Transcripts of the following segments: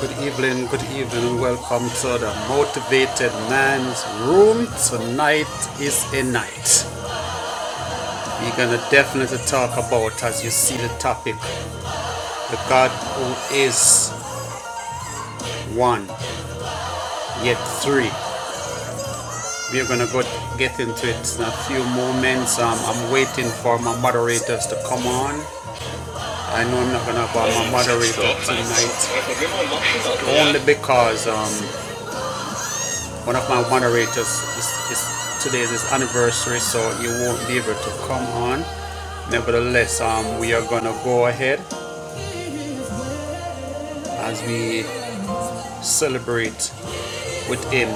Good evening, good evening. Welcome to the Motivated Man's Room. Tonight is a night. We're gonna definitely talk about, as you see the topic, the God who is one, yet three. We're gonna go get into it in a few moments. Um, I'm waiting for my moderators to come on. I know I'm not gonna have my moderator tonight only because um, One of my moderators is, is today is his anniversary, so he won't be able to come on. Nevertheless, um, we are gonna go ahead as we celebrate with him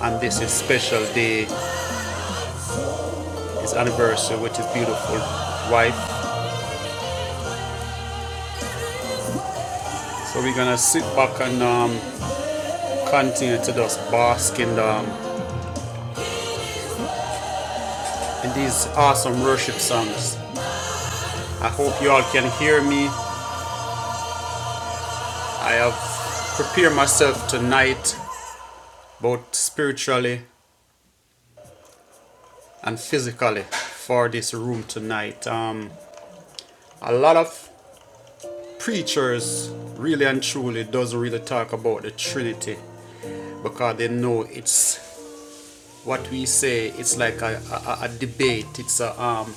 on this his special day, his anniversary with his beautiful wife. So we're gonna sit back and um, continue to just bask in, um, in these awesome worship songs. I hope you all can hear me. I have prepared myself tonight, both spiritually and physically for this room tonight. Um, a lot of preachers really and truly doesn't really talk about the Trinity because they know it's what we say. It's like a, a, a debate. It's a um,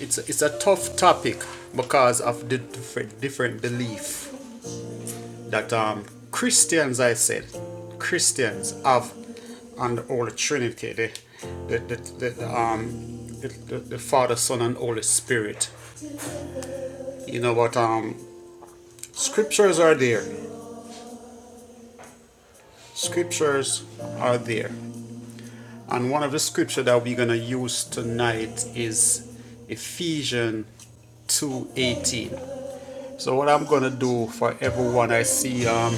it's a, it's a tough topic because of the different different belief that um, Christians, I said, Christians have on the Holy Trinity, the the the, the, um. The, the, the Father, Son, and Holy Spirit You know, but um, scriptures are there. Scriptures are there. And one of the scripture that we're gonna use tonight is Ephesians 2:18. So what I'm gonna do for everyone, I see um,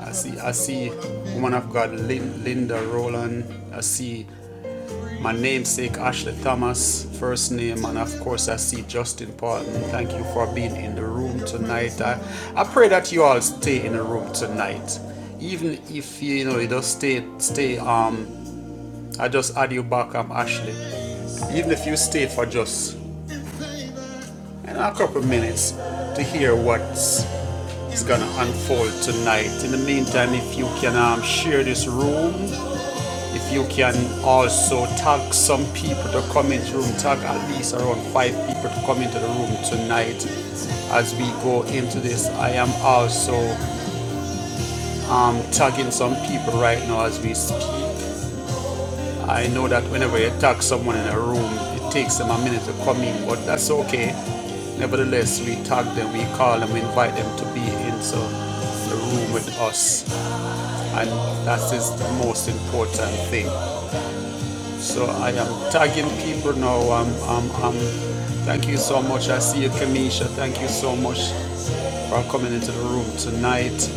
I see I see woman of God Lin- Linda Roland. I see My namesake Ashley Thomas, first name, and of course I see Justin Parton. Thank you for being in the room tonight. I, I pray that you all stay in the room tonight. Even if you, you know you just stay stay um I just add you back I'm Ashley. Even if you stay for just you know, a couple minutes to hear what's is gonna unfold tonight. In the meantime, if you can um, share this room If you can also tag some people to come into the room, tag at least around five people to come into the room tonight as we go into this. I am also um, tagging some people right now as we speak. I know that whenever you tag someone in a room, it takes them a minute to come in, but that's okay. Nevertheless, we tag them, we call them, we invite them to be into the room with us, and that is the most important thing. So I am tagging people now. I'm, I'm, I'm. thank you so much. I see you, Kamisha. Thank you so much for coming into the room tonight.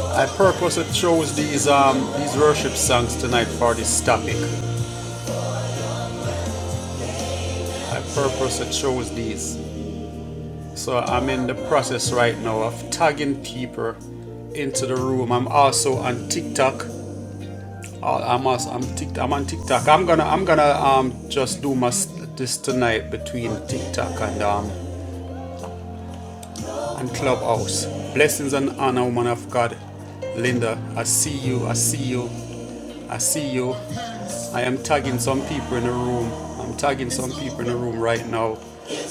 I purposely chose these um, these worship songs tonight for this topic. I purposely chose these. So I'm in the process right now of tagging people into the room. I'm also on TikTok. Uh, I'm also, I'm, tick, I'm on TikTok. I'm gonna I'm gonna um just do my this tonight between TikTok and um and Clubhouse. Blessings and honor, woman of God. Linda, I see you, I see you, I see you. I am tagging some people in the room. I'm tagging some people in the room right now.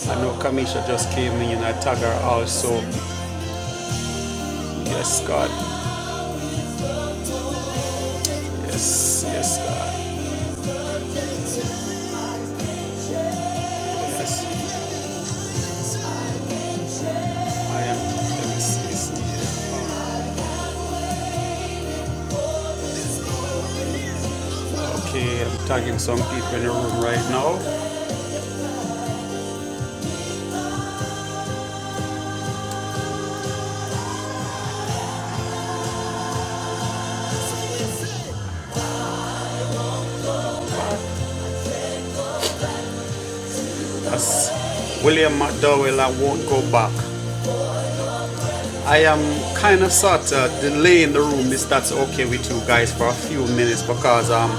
I know Kamisha just came in and I tag her also. Yes, God. Yes, yes, God. Yes, I am. Let me see, see. here. Okay, I'm tagging some people in the room right now. That's William McDowell, I won't go back. I am kind of sort of delaying the room if that's okay with you guys for a few minutes because um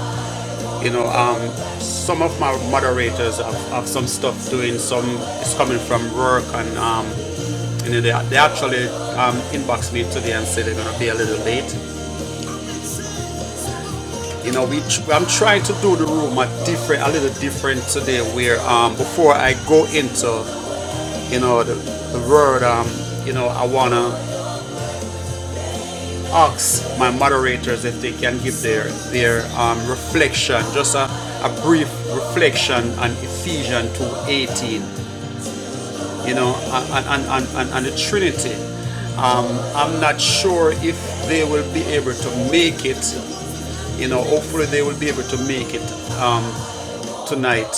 you know um some of my moderators have, have some stuff doing some is coming from work and um you know they, they actually um inboxed me today and said they're gonna be a little late you know we tr- I'm trying to do the room a different a little different today where um before I go into you know the, the word um you know I wanna ask my moderators if they can give their their um, reflection, just a, a brief reflection on Ephesians 2:18, you know, and and and on, the Trinity. Um, I'm not sure if they will be able to make it. You know, hopefully they will be able to make it um, tonight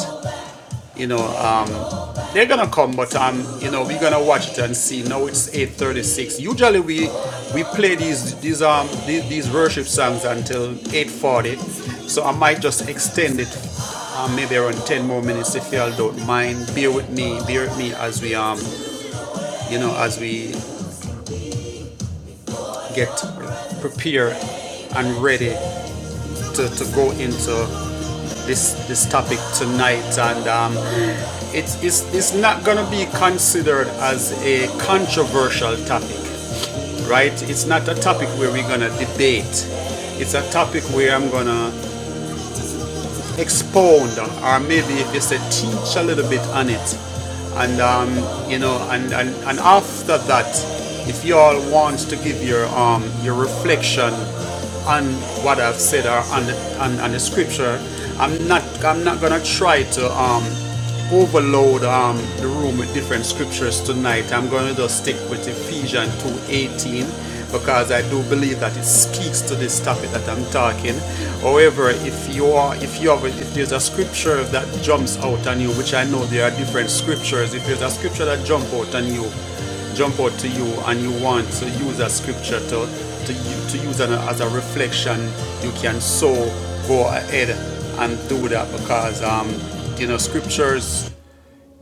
you know, um, they're gonna come, but um, you know, we're gonna watch it and see. Now it's 8:36. Usually we we play these these um these, these worship songs until 8:40, so I might just extend it, um, maybe around 10 more minutes if y'all don't mind. Bear with me, bear with me as we um, you know, as we get prepared and ready to, to go into this this topic tonight and um It's, it's, it's not going to be considered as a controversial topic, right? It's not a topic where we're going to debate. It's a topic where I'm going to expound, or maybe if you say teach a little bit on it. And, um, you know, and, and, and after that, if you all want to give your, um, your reflection on what I've said or on the, on, on the scripture. I'm not I'm not gonna try to um overload um, the room with different scriptures tonight. I'm going to just stick with Ephesians 2:18 because I do believe that it speaks to this topic that I'm talking. However, if you are if you have if there's a scripture that jumps out on you, which I know there are different scriptures, if there's a scripture that jump out on you, jump out to you and you want to use a scripture to, to, to use it as a reflection, you can so go ahead and do that because, um, you know, scriptures,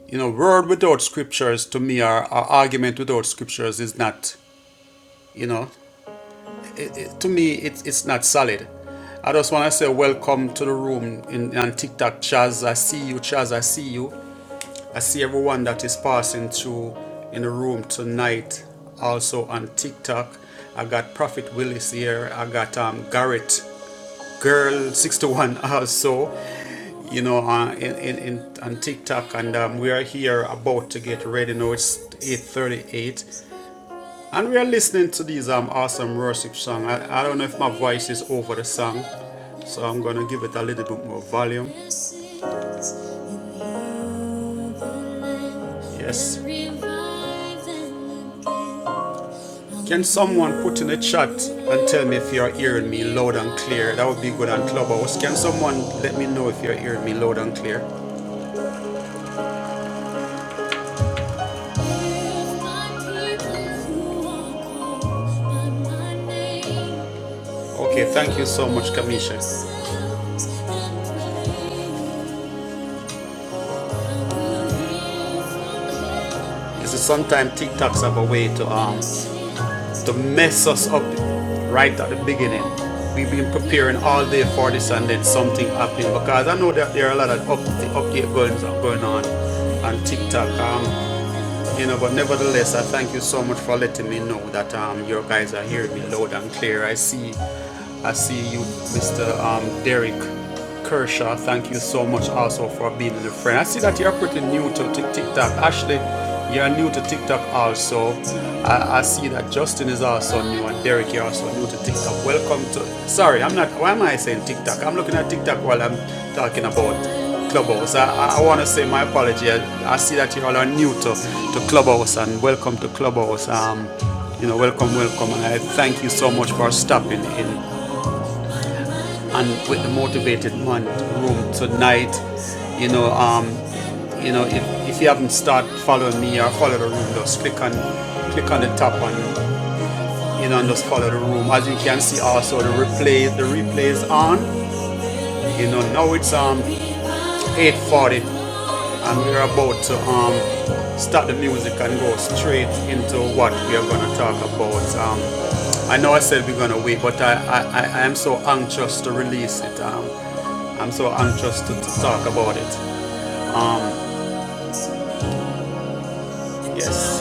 you know, word without scriptures to me or, or argument without scriptures is not, you know, it, it- to me it's it's not solid. I just want to say welcome to the room in, on TikTok, Chaz. I see you, Chaz. I see you. I see everyone that is passing through in the room tonight, also on TikTok. I got Prophet Willis here. I got um, Garrett Girl 61 also, you know, uh, in, in, in on TikTok. And um, we are here about to get ready. Now it's 8.38. And we are listening to these um, awesome worship song. I, I don't know if my voice is over the song, so I'm gonna give it a little bit more volume. Yes. Can someone put in the chat and tell me if you're hearing me loud and clear? That would be good on Clubhouse. Can someone let me know if you're hearing me loud and clear? Okay, thank you so much, Kamisha. You see, sometimes TikToks have a way to um to mess us up right at the beginning. We've been preparing all day for this, and then something happened because I know that there are a lot of up, update going going on on TikTok. Um, you know, but nevertheless, I thank you so much for letting me know that um you guys are hearing me loud and clear. I see. I see you, Mr. Um, Derek Kershaw. Thank you so much also for being a friend. I see that you're pretty new to TikTok. Ashley, you're new to TikTok also. I, I see that Justin is also new and Derek, you're also new to TikTok. Welcome to. Sorry, I'm not. Why am I saying TikTok? I'm looking at TikTok while I'm talking about Clubhouse. I, I, want to say my apology. I, I see that you all are new to, to Clubhouse and welcome to Clubhouse. Um, you know, welcome, welcome, and I thank you so much for stopping in and with the motivated man room tonight you know um you know if, if you haven't started following me or follow the room just click on click on the top one, you know and just follow the room as you can see also the replay the replay is on you know now it's um 8:40 and we're about to um, stop the music and go straight into what we are going to talk about. Um, I know I said we're going to wait, but I, I, I am so anxious to release it. Um, I'm so anxious to, to talk about it. Um, yes.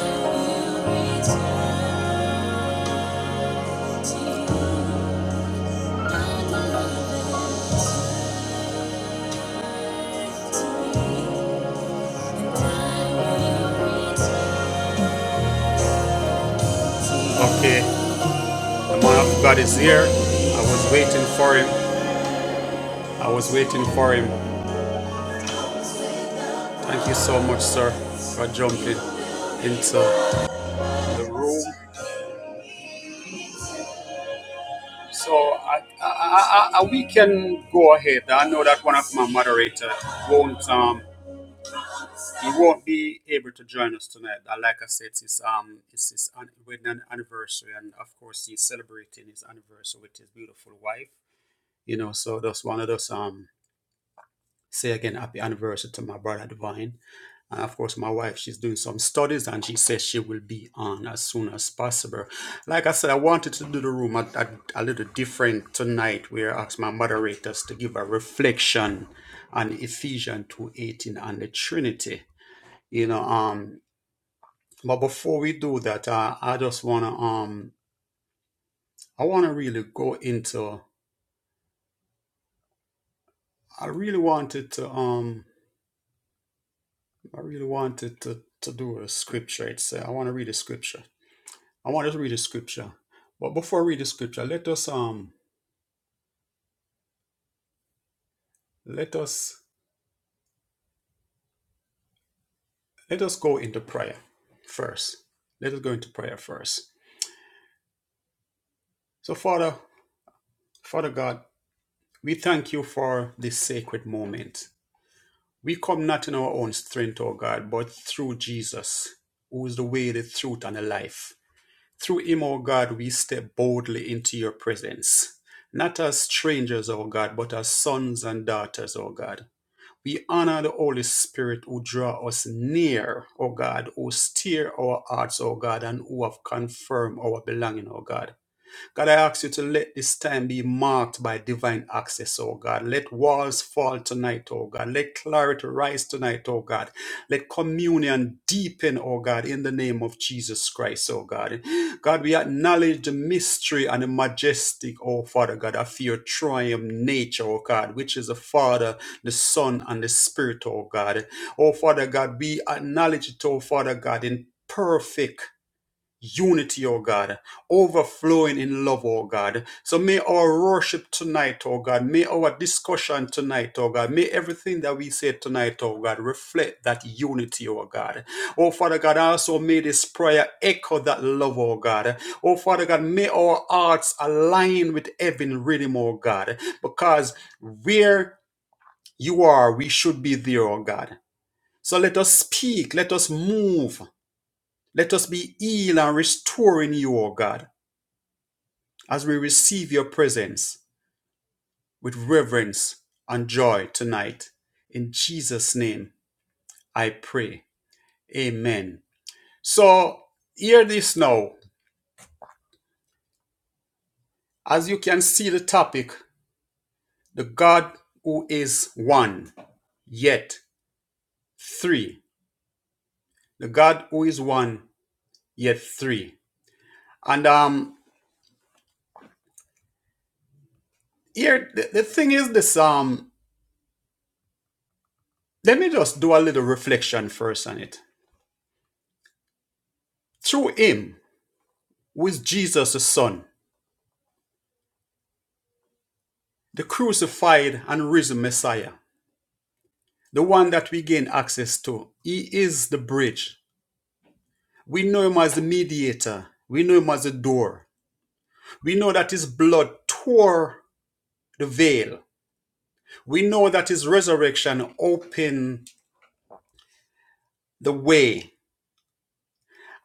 Okay. The man of God is here. I was waiting for him. I was waiting for him. Thank you so much, sir, for jumping into the room. So I, I, I, I, we can go ahead. I know that one of my moderator won't um he won't be able to join us tonight. Uh, Like I said, it's um it's his an- wedding an- anniversary, and of course he's celebrating his anniversary with his beautiful wife. You know, so that's one of those. Um, say again happy anniversary to my brother divine and of course my wife she's doing some studies and she says she will be on as soon as possible like i said i wanted to do the room a, a, a little different tonight where i asked my moderators to give a reflection on ephesians 2.18 and the trinity you know um but before we do that uh, i just want to um i want to really go into i really wanted to um i really wanted to to do a scripture it's uh, i want to read a scripture I want us to read the scripture. But before we read the scripture, let us um let us let us go into prayer first. Let us go into prayer first. So Father, Father God, we thank you for this sacred moment. We come not in our own strength, O God, but through Jesus, who is the way, the truth, and the life. Through him, O God, we step boldly into your presence. Not as strangers, O God, but as sons and daughters, O God. We honor the Holy Spirit who draw us near, O God, who steer our hearts, O God, and who have confirmed our belonging, O God. God, I ask you to let this time be marked by divine access, oh God. Let walls fall tonight, oh God. Let clarity rise tonight, oh God. Let communion deepen, oh God, in the name of Jesus Christ, oh God. God, we acknowledge the mystery and the majestic, oh Father God, of your triumph nature, oh God, which is the Father, the Son, and the Spirit, oh God. Oh Father God, we acknowledge it, oh Father God, in perfect unity, O God, overflowing in love, O God. So may our worship tonight, O God, may our discussion tonight, O God, may everything that we say tonight, O God, reflect that unity, O God. Oh Father God, also may this prayer echo that love, O God. Oh Father God, may our hearts align with heaven rhythm, O God, because where you are, we should be there, O God. So let us speak, let us move, let us be healed and restored in you, O God, as we receive your presence with reverence and joy tonight. In Jesus' name, I pray. Amen. So, hear this now. As you can see, the topic the God who is one, yet three. The God who is one, yet three. And um, here the, the thing is this um, let me just do a little reflection first on it. Through Him, with Jesus the Son, the crucified and risen Messiah, the one that we gain access to. He is the bridge. We know him as the mediator, we know him as the door. We know that his blood tore the veil. We know that his resurrection opened the way.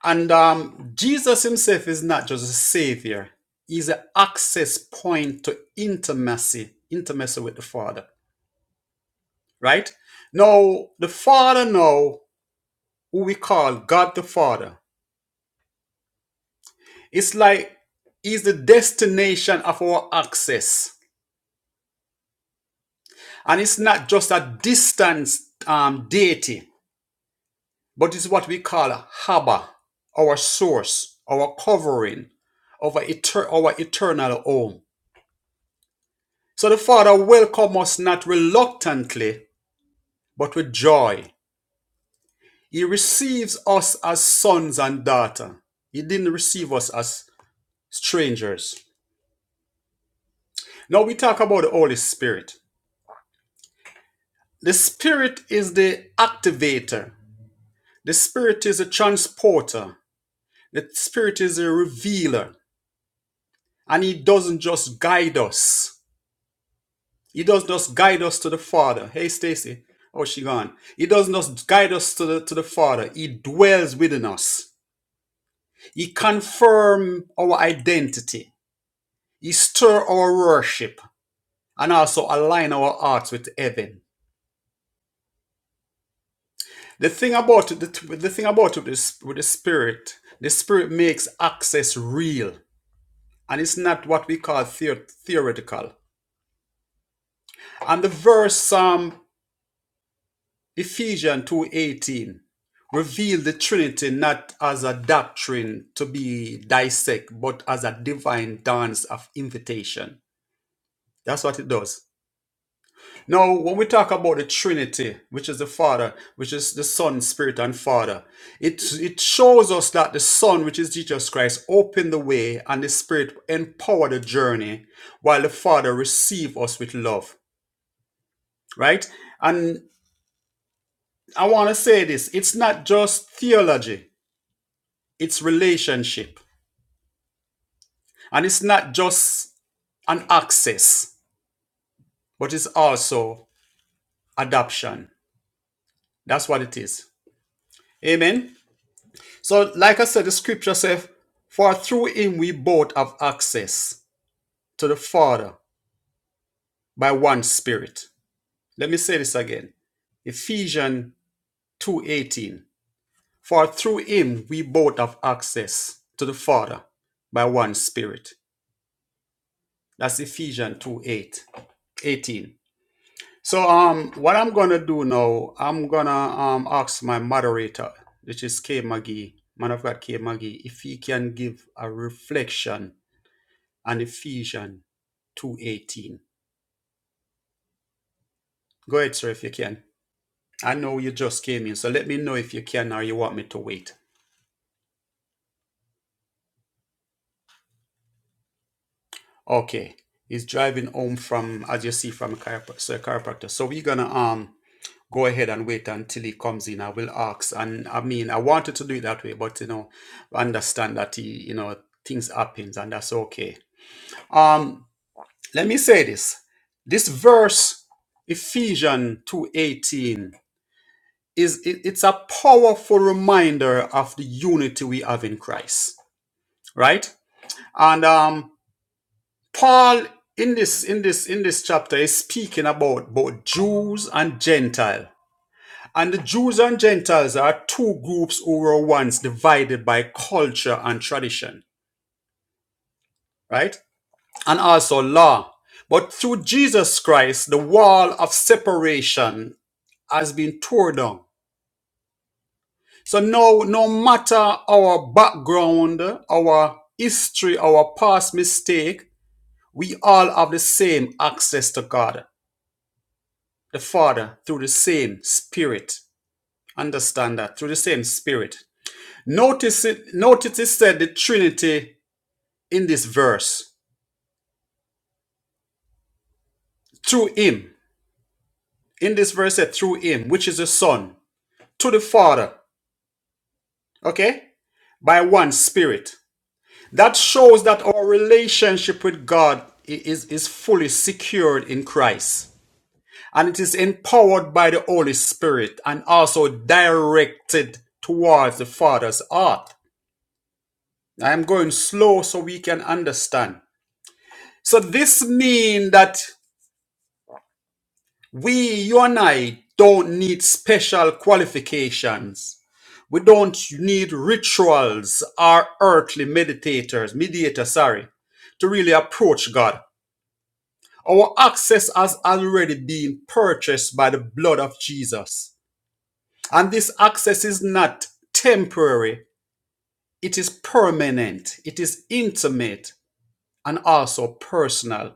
And um, Jesus himself is not just a savior, he's an access point to intimacy, intimacy with the Father, right? Now, the Father now who we call God the Father. It's like He's the destination of our access. And it's not just a distant um, deity, but it's what we call a Haba, our source, our covering, our, eter- our eternal home. So the Father welcomes us not reluctantly, but with joy. He receives us as sons and daughters. He didn't receive us as strangers. Now we talk about the Holy Spirit. The spirit is the activator. The spirit is a transporter. The spirit is a revealer. And he doesn't just guide us. He doesn't just guide us to the Father. Hey Stacy, oh she gone. He doesn't just guide us to the to the Father. He dwells within us. He confirms our identity. He stir our worship and also align our hearts with heaven. The thing about it, the, the thing about it is with the spirit, the spirit makes access real, and it's not what we call theo- theoretical. And the verse um, Ephesians two eighteen reveal the Trinity not as a doctrine to be dissect, but as a divine dance of invitation. That's what it does. Now, when we talk about the Trinity, which is the Father, which is the Son, Spirit, and Father, it, it shows us that the Son, which is Jesus Christ, opened the way and the Spirit empowered the journey while the Father received us with love, right? And I want to say this it's not just theology, it's relationship. And it's not just an access, but it's also adoption. That's what it is. Amen. So, like I said, the scripture says, For through him we both have access to the Father by one spirit. Let me say this again. Ephesians 2:18. For through him we both have access to the Father by one spirit. That's Ephesians 2 8, So um what I'm gonna do now, I'm gonna um ask my moderator, which is K Maggie, man of God K Maggie, if he can give a reflection and Ephesians 2.18. Go ahead, sir, if you can. I know you just came in, so let me know if you can or you want me to wait. Okay. He's driving home from, as you see, from a chiropr- so chiropractor. So we're going to um go ahead and wait until he comes in. I will ask. And I mean, I wanted to do it that way, but, you know, understand that, he, you know, things happens and that's okay. Um, Let me say this. This verse, Ephesians 2.18, is it- it's a powerful reminder of the unity we have in Christ, right? And um, Paul in this in this in this chapter is speaking about both Jews and Gentiles, And the Jews and Gentiles are two groups who were once divided by culture and tradition, right? And also law. But through Jesus Christ, the wall of separation has been torn down So no, no matter our background, our history, our past mistake, we all have the same access to God, the Father, through the same Spirit. Understand that through the same Spirit. Notice it. Notice it said the Trinity in this verse. Through Him, in this verse, said through Him, which is the Son, to the Father. Okay, by one Spirit. That shows that our relationship with God is, is fully secured in Christ. And it is empowered by the Holy Spirit and also directed towards the Father's heart. I am going slow so we can understand. So this means that we, you and I, don't need special qualifications. We don't need rituals or earthly meditators, mediator, sorry, to really approach God. Our access has already been purchased by the blood of Jesus. And this access is not temporary, it is permanent, it is intimate, and also personal.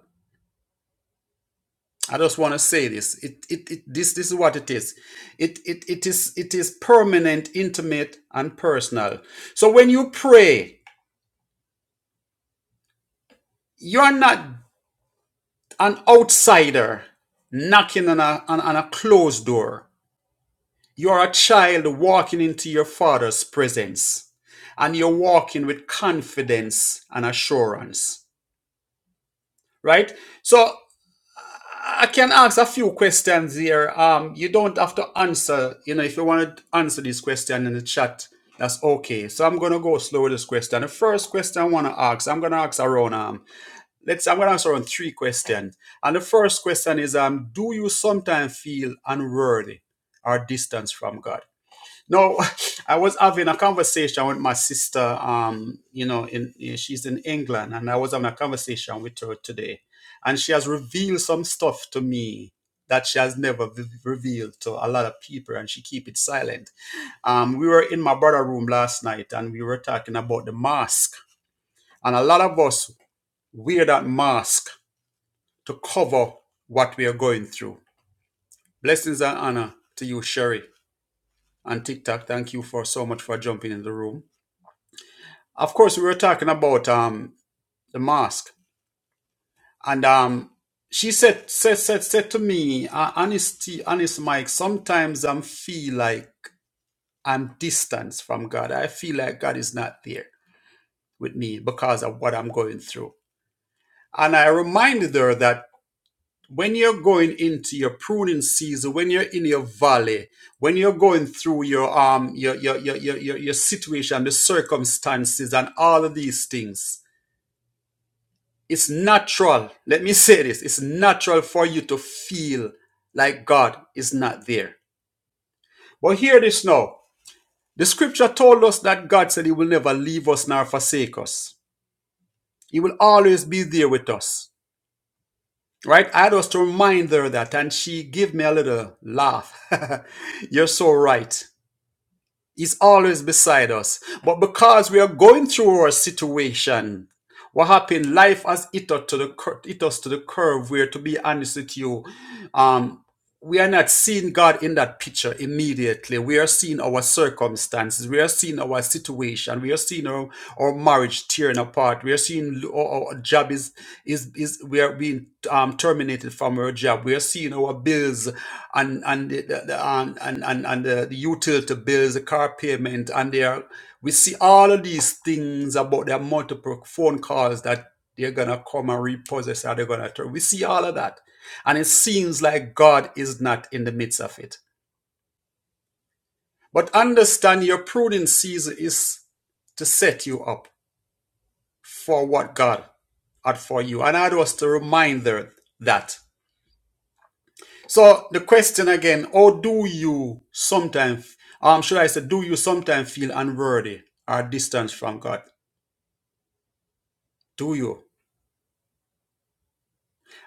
I just want to say this. It, it, it, this, this is what it is. It, it, it is. it is permanent, intimate, and personal. So when you pray, you're not an outsider knocking on a, on on a closed door. You're a child walking into your father's presence, and you're walking with confidence and assurance, right? So I can ask a few questions here. Um, you don't have to answer. You know, if you want to answer this question in the chat, that's okay. So I'm gonna go slow with this question. The first question I want to ask, I'm gonna ask around um, let's I'm gonna ask around three questions. And the first question is um, do you sometimes feel unworthy or distance from God? No, I was having a conversation with my sister. Um, you know, in eh, she's in England, and I was having a conversation with her today, and she has revealed some stuff to me that she has never v- revealed to a lot of people, and she keep it silent. Um, we were in my brother room last night, and we were talking about the mask, and a lot of us wear that mask to cover what we are going through. Blessings and honor to you, Sherry, and TikTok. Thank you for so much for jumping in the room. Of course, we were talking about um the mask, and um she said said said said to me, uh, honesty, honest Mike. Sometimes I feel like I'm distant from God. I feel like God is not there with me because of what I'm going through. And I reminded her that when you're going into your pruning season, when you're in your valley, when you're going through your um your your your your, your, your situation, the circumstances, and all of these things it's natural. Let me say this. It's natural for you to feel like God is not there. But hear this now. The scripture told us that God said he will never leave us nor forsake us. He will always be there with us. Right? I had us to remind her that and she gave me a little laugh. You're so right. He's always beside us. But because we are going through our situation, what happened? Life has hit us to the cur- hit us to the curve. Where, to be honest with you, um, we are not seeing God in that picture immediately. We are seeing our circumstances. We are seeing our situation. We are seeing our, our marriage tearing apart. We are seeing our, our job is, is, is, we are being um, terminated from our job. We are seeing our bills and, and the, the, the- and, and, and, and the, the utility bills, the car payment, and they are, we see all of these things about their multiple phone calls that they're going to come and repossess or they're going to, turn. we see all of that and it seems like God is not in the midst of it. But understand your pruning season is to set you up for what God had for you. And I was to remind her that. So the question again, how do you sometimes, um, should I say, do you sometimes feel unworthy or distant from God? Do you?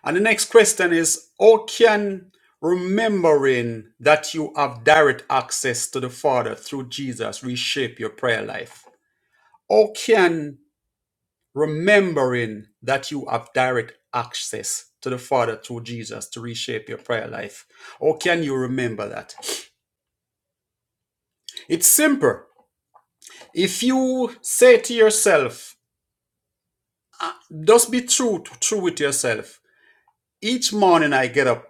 And the next question is, how can remembering that you have direct access to the Father through Jesus reshape your prayer life? How can remembering that you have direct access to the Father through Jesus to reshape your prayer life? How can you remember that? It's simple. If you say to yourself, just be true, true with yourself. Each morning I get up,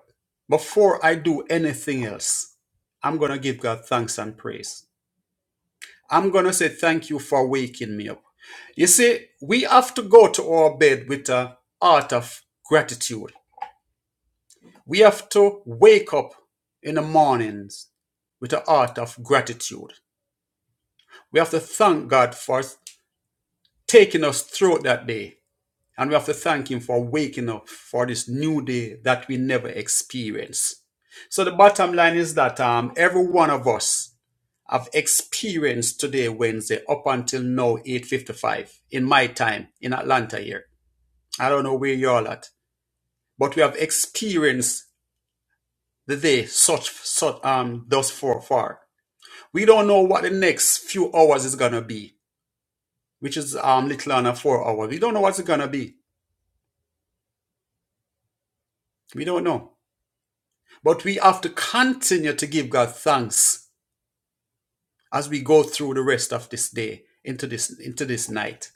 before I do anything else, I'm going to give God thanks and praise. I'm going to say thank you for waking me up. You see, we have to go to our bed with a heart of gratitude. We have to wake up in the mornings with the heart of gratitude. We have to thank God for taking us through that day. And we have to thank Him for waking up for this new day that we never experienced. So the bottom line is that um, every one of us have experienced today, Wednesday, up until now, 8.55 in my time in Atlanta here. I don't know where you all at, but we have experienced the day such, such um, thus far. We don't know what the next few hours is gonna be, which is um little under four hours. We don't know what's gonna be. We don't know. But we have to continue to give God thanks as we go through the rest of this day into this into this night.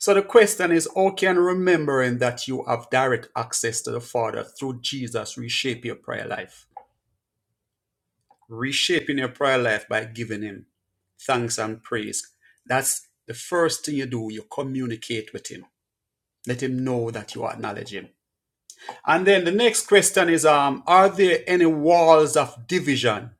So the question is, how can remembering that you have direct access to the Father through Jesus reshape your prayer life? Reshaping your prayer life by giving him thanks and praise. That's the first thing you do, you communicate with him. Let him know that you acknowledge him. And then the next question is um, Are there any walls of division?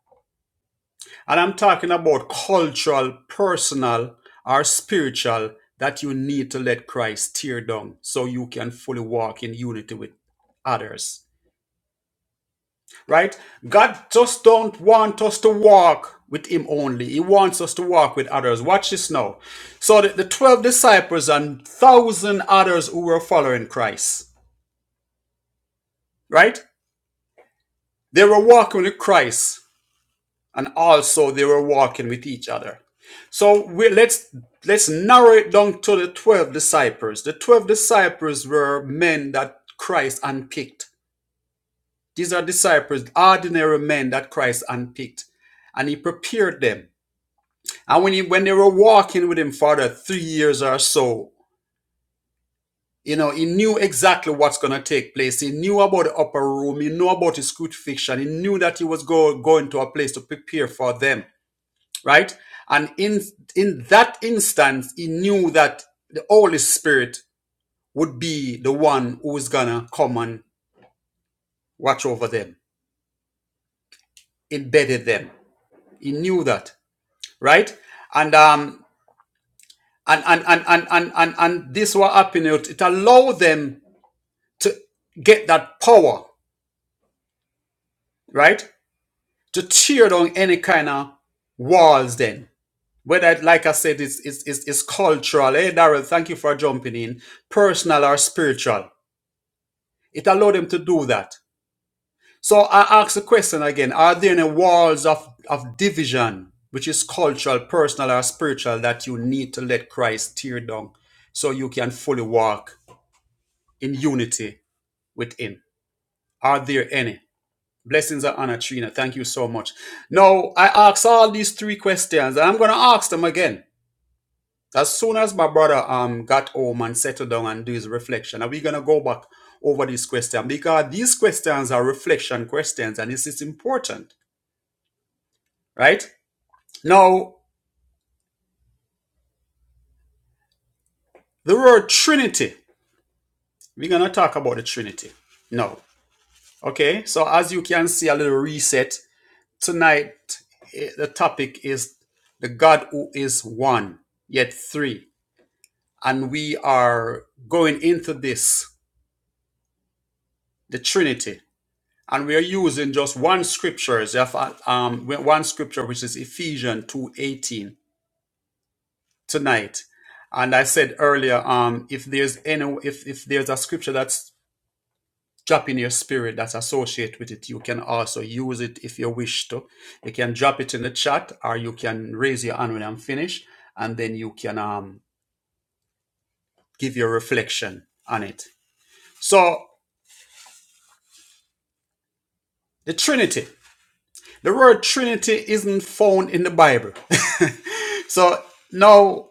And I'm talking about cultural, personal, or spiritual that you need to let Christ tear down so you can fully walk in unity with others. Right? God just don't want us to walk with him only. He wants us to walk with others. Watch this now. So the, the 12 disciples and one thousand others who were following Christ, right? They were walking with Christ and also they were walking with each other. So we, let's let's narrow it down to the 12 disciples. The 12 disciples were men that Christ unpicked. These are disciples, ordinary men that Christ unpicked and he prepared them. And when he when they were walking with him for the three years or so, you know, he knew exactly what's gonna take place. He knew about the upper room, he knew about his crucifixion, he knew that he was go, going to a place to prepare for them. right? And in in that instance, he knew that the Holy Spirit would be the one who was gonna come and watch over them, embedded them. He knew that, right? And um and and and and and and, and this what happened. It, allowed them to get that power, right? To tear down any kind of walls then. Whether, it- like I said, it's, it's, it's, it's cultural. Hey, Darrell, thank you for jumping in. Personal or spiritual It allowed them to do that. So I ask the question again Are there any walls of, of division, which is cultural, personal, or spiritual, that you need to let Christ tear down so you can fully walk in unity with Him? Are there any? Blessings and honor, Trina. Thank you so much. Now, I ask all these three questions, and I'm going to ask them again. As soon as my brother um got home and settled down and do his reflection, are we gonna go back over this question? Because these questions are reflection questions and this is important, right? Now, the word Trinity. We're gonna talk about the Trinity. No. Okay, so as you can see a little reset, tonight eh, the topic is the God who is one, yet three. And we are going into this, the Trinity. and we are using just one scripture, um, one scripture which is Ephesians two eighteen tonight. And I said earlier, um, if there's any, if if there's a scripture that's drop in your spirit that's associated with it, you can also use it if you wish to. You can drop it in the chat, or you can raise your hand when I'm finished, and then you can um, give your reflection on it. So the Trinity. The word Trinity isn't found in the Bible. so now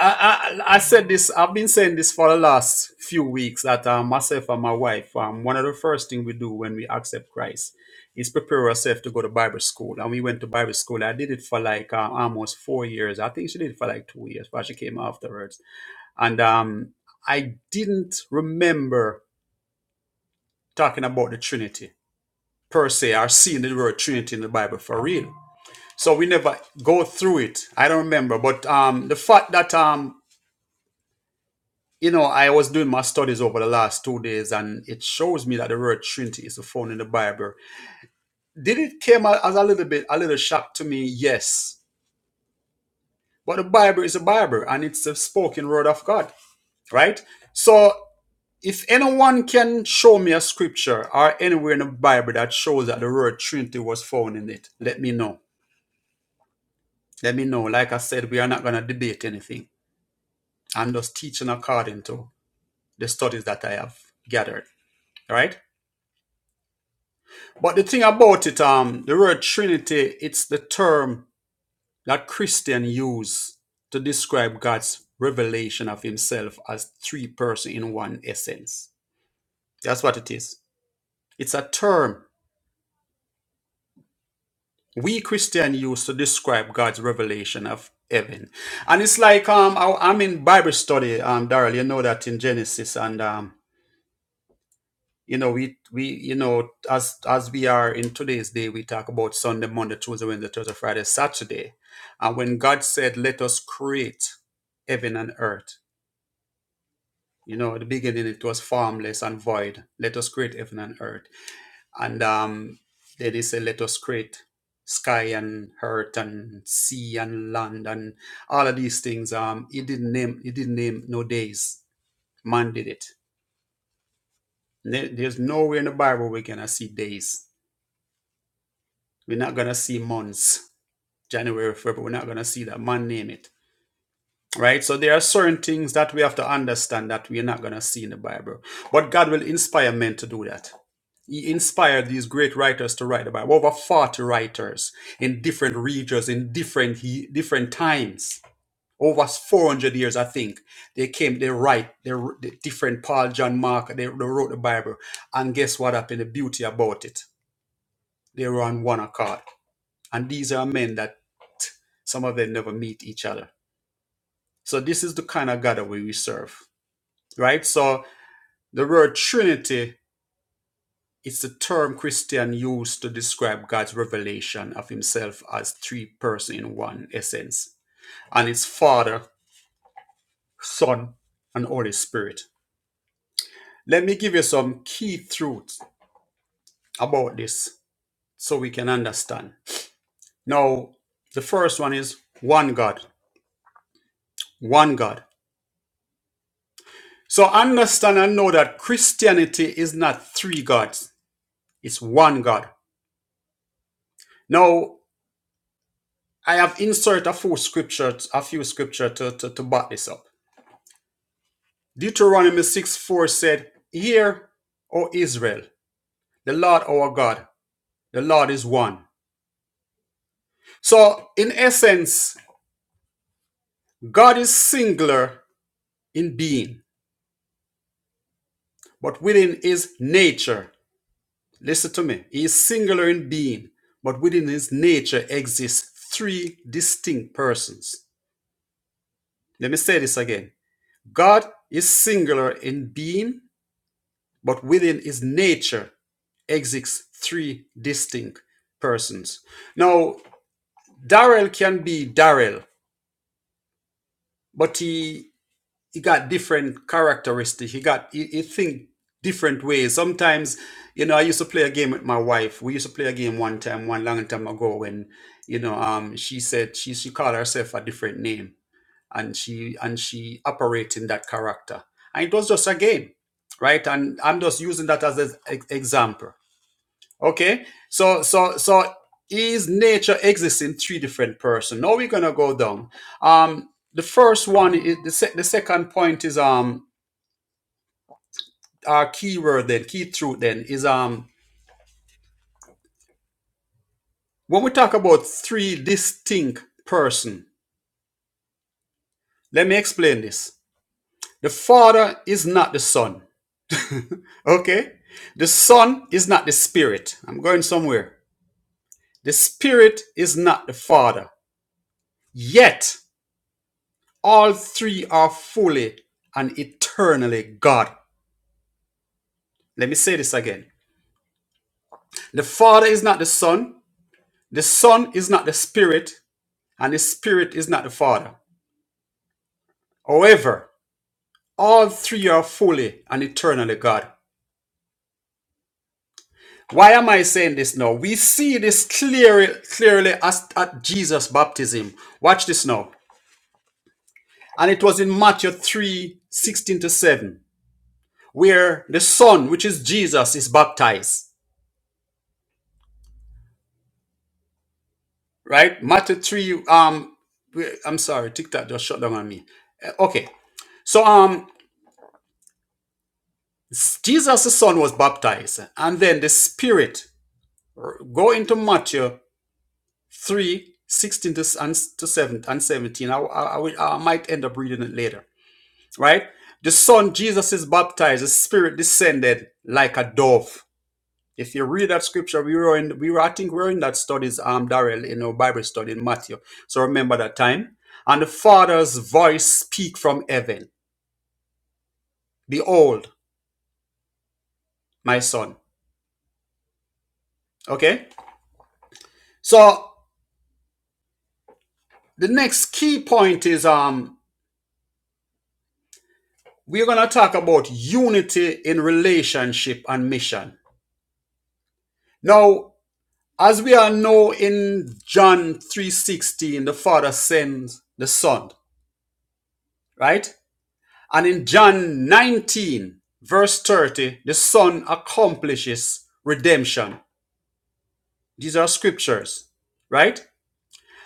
I, I I said this. I've been saying this for the last few weeks that uh, myself and my wife, um, one of the first thing we do when we accept Christ is prepare ourselves to go to Bible school. And we went to Bible school. I did it for like uh, almost four years. I think she did it for like two years, but she came afterwards. And um, I didn't remember talking about the Trinity per se, or seeing the word Trinity in the Bible for real. So we never go through it. I don't remember, but um, the fact that um, You know, I was doing my studies over the last two days, and it shows me that the word Trinity is found in the Bible. Did it came a- as a little bit, a little shock to me? Yes, but the Bible is a Bible, and it's the spoken word of God, right? So, if anyone can show me a scripture or anywhere in the Bible that shows that the word Trinity was found in it, let me know. Let me know. Like I said, we are not going to debate anything. I'm just teaching according to the studies that I have gathered, right? But the thing about it, um, the word Trinity, it's the term that Christian use to describe God's revelation of Himself as three persons in one essence. That's what it is. It's a term we Christian use to describe God's revelation of heaven, and it's like um, I, I'm in Bible study, um, Daryl. You know that in Genesis, and um, you know we we you know as as we are in today's day we talk about sunday monday tuesday wednesday thursday friday saturday and when god said let us create heaven and earth you know at the beginning it was formless and void let us create heaven and earth and um then he said let us create sky and earth and sea and land and all of these things um he didn't name he didn't name no days man did it There- there's nowhere in the bible we can see days We're not going to see months, January, February. We're not going to see that. Man, name it. Right? So there are certain things that we have to understand that we're not going to see in the Bible. But God will inspire men to do that. He inspired these great writers to write the Bible. Over 40 writers in different regions, in different he- different times. Over 400 years, I think. They came, they write, they different Paul, John, Mark, they, they wrote the Bible. And guess what happened? The beauty about it. They were on one accord And these are men that some of them never meet each other. So this is the kind of God that we serve, right? So the word Trinity it's the term Christian used to describe God's revelation of himself as three persons in one essence, and it's Father, Son, and Holy Spirit. Let me give you some key truths about this so we can understand. Now, the first one is one God, one God. So understand and know that Christianity is not three gods, it's one God. Now, I have inserted a few scriptures, a few scripture to, to, to back this up. Deuteronomy 6 4 said, Hear, O Israel, the Lord our God, the Lord is one. So, in essence, God is singular in being, but within his nature, listen to me, he is singular in being, but within his nature exists three distinct persons. Let me say this again God is singular in being, but within his nature exists three distinct persons. Now, Darrell can be Darrell, but he he got different characteristics. He got he, he think different ways. Sometimes, you know, I used to play a game with my wife. We used to play a game one time, one long time ago, when you know, um, she said she she called herself a different name and she and she operates in that character and it was just a game right and i'm just using that as an example okay so so so is nature exists in three different person now we're gonna go down um the first one is the, se- the second point is um our key word then key truth then is um when we talk about three distinct person let me explain this the father is not the son Okay? The Son is not the Spirit. I'm going somewhere. The Spirit is not the Father. Yet, all three are fully and eternally God. Let me say this again. The Father is not the Son. The Son is not the Spirit. And the Spirit is not the Father. However, all three are fully and eternally God. Why am I saying this now? We see this clearly, clearly as at Jesus' baptism. Watch this now. And it was in Matthew 3 16 to 7, where the Son, which is Jesus, is baptized. Right? Matthew 3, um, I'm sorry, TikTok just shut down on me. Uh, Okay. So um Jesus the Son was baptized, and then the Spirit go into Matthew 3 16 to, to 7 and 17. I, I, I, will- I might end up reading it later. Right? The Son, Jesus is baptized, the Spirit descended like a dove If you read that scripture, we were in, we were, I think we were in that studies, um, Darrell, in our Bible study in Matthew. So remember that time. And the Father's voice speak from heaven. Behold, my son. Okay. So the next key point is, um, we're going to talk about unity in relationship and mission. Now, as we all know in John 3.16, the Father sends the Son, right? And in John 19, verse 30, the Son accomplishes redemption. These are scriptures, right?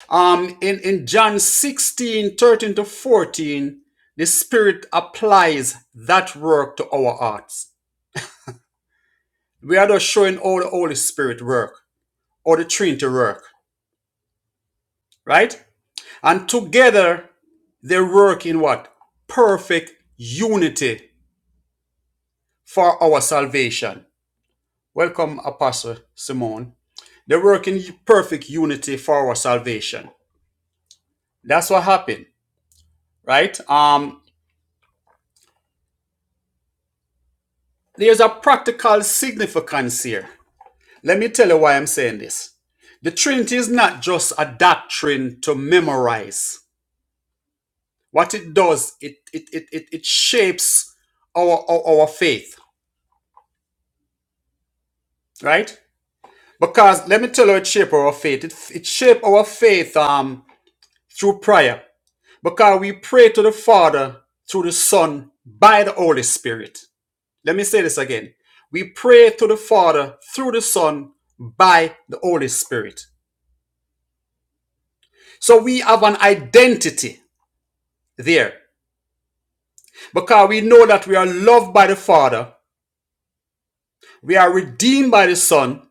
Um, in, in John 16 13 to 14, the Spirit applies that work to our hearts. We are just showing all the Holy Spirit work or the Trinity work, right? And together they work in what? Perfect unity for our salvation. Welcome, Apostle Simone. They work in perfect unity for our salvation. That's what happened, right? Um, there's a practical significance here. Let me tell you why I'm saying this. The Trinity is not just a doctrine to memorize. What it does, it it it it, it shapes our, our our faith, right? Because let me tell you, it shapes our faith. It, it shapes our faith um through prayer. Because we pray to the Father through the Son by the Holy Spirit. Let me say this again. We pray to the Father through the Son by the Holy Spirit. So we have an identity there because we know that we are loved by the Father, we are redeemed by the Son,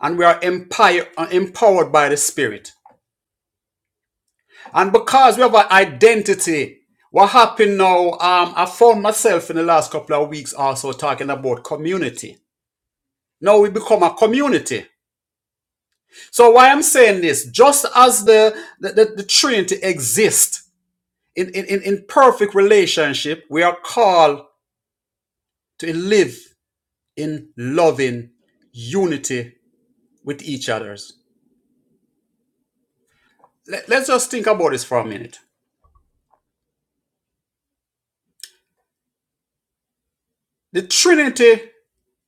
and we are empower- uh, empowered by the Spirit. And because we have an identity, what happened now? Um, I found myself in the last couple of weeks also talking about community Now we become a community. So why I'm saying this, just as the, the, the, the Trinity exists in, in, in, perfect relationship, we are called to live in loving unity with each others. Let, let's just think about this for a minute. The Trinity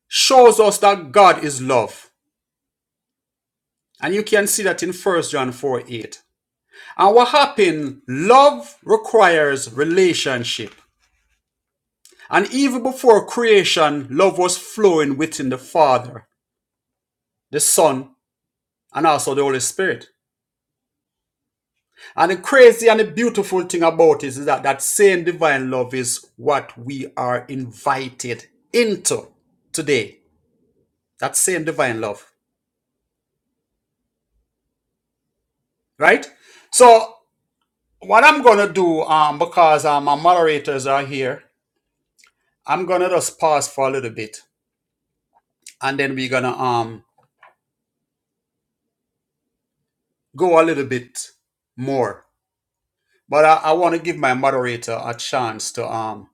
shows us that God is love. And you can see that in First John 4 8. And what happened? Love requires relationship. And even before creation, love was flowing within the Father, the Son, and also the Holy Spirit. And the crazy and the beautiful thing about it is that that same divine love is what we are invited into today. That same divine love, right? So what I'm gonna do, um, because um, my moderators are here, I'm gonna just pause for a little bit, and then we're gonna um go a little bit more But I, I want to give my moderator a chance to um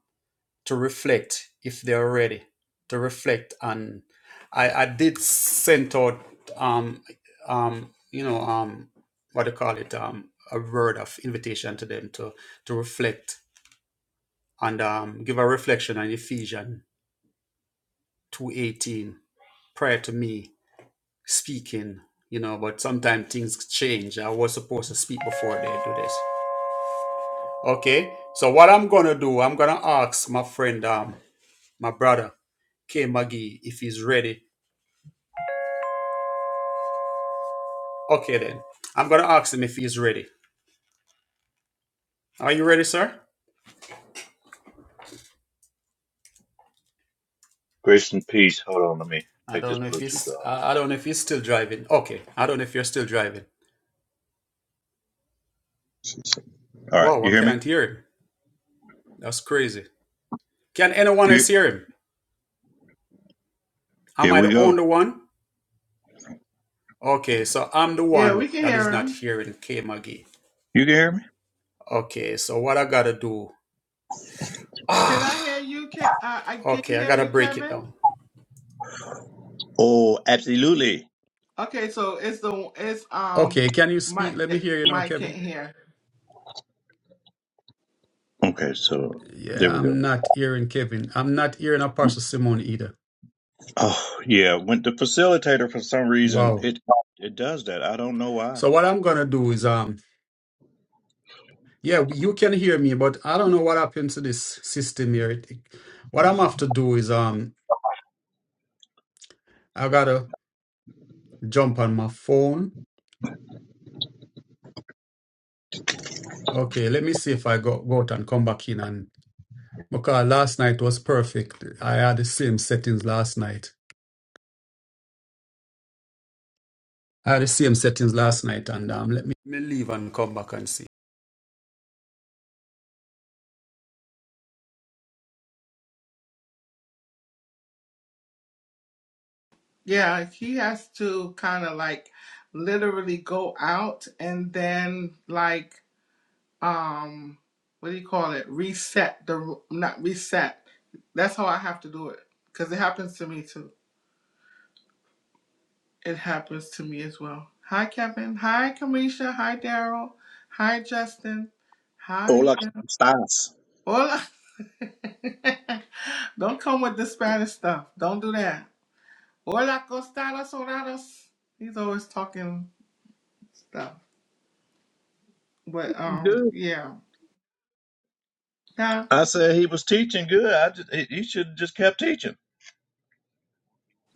to reflect if they're ready to reflect. And I, I did send out um um you know um what do you call it um a word of invitation to them to to reflect and um give a reflection on Ephesians two eighteen prior to me speaking. You know, but sometimes things change. I was supposed to speak before they do this. Okay, so what I'm gonna do, I'm gonna ask my friend. um. my brother, K Maggie, if he's ready. Okay then. I'm gonna ask him if he's ready. Are you ready, sir? Grace and peace. Hold on, let me I take this don't know if Bluetooth he's off. I I don't know if he's still driving. Okay. I don't know if you're still driving. All right, Wow, I you hear me? can't hear him. That's crazy. Can anyone You, else hear him? Am here I we the go. only one? Okay, so I'm the Yeah, we one can that is hear not him. hearing K Maggie. You can hear me? Okay, so what I gotta do? Can I hear you? Can I, I can Okay, you I hear gotta me, break it Kevin? down. Oh, Okay, so it's the it's um Okay, can you speak? Mike Let me that hear you now, Mike can't Kevin. hear. okay. So Yeah, there we go. I'm not hearing Kevin. I'm not hearing Apostle Simone either. Oh yeah, when the facilitator for some reason Wow. it it does that. I don't know why. So what I'm gonna do is um yeah, you can hear me, but I don't know what happened to this system here. It- What I'm have to do is um I gotta jump on my phone. Okay, let me see if I go, go out and come back in and because last night was perfect. I had the same settings last night. I had the same settings last night and um let me Let me leave and come back and see. Yeah, he has to kind of like literally go out and then like um what do you call it? Reset the not reset. That's how I have to do it because it happens to me too. It happens to me as well. Hi, Kevin. Hi, Kamisha. Hi, Daryl. Hi, Justin. How are you? Hola, ¿cómo estás? Hola. Don't come with the Spanish stuff. Don't do that. Hola, costadas doradas. He's always talking stuff. But um, Good. yeah, yeah. I said he was teaching good. I just he, he should have just kept teaching.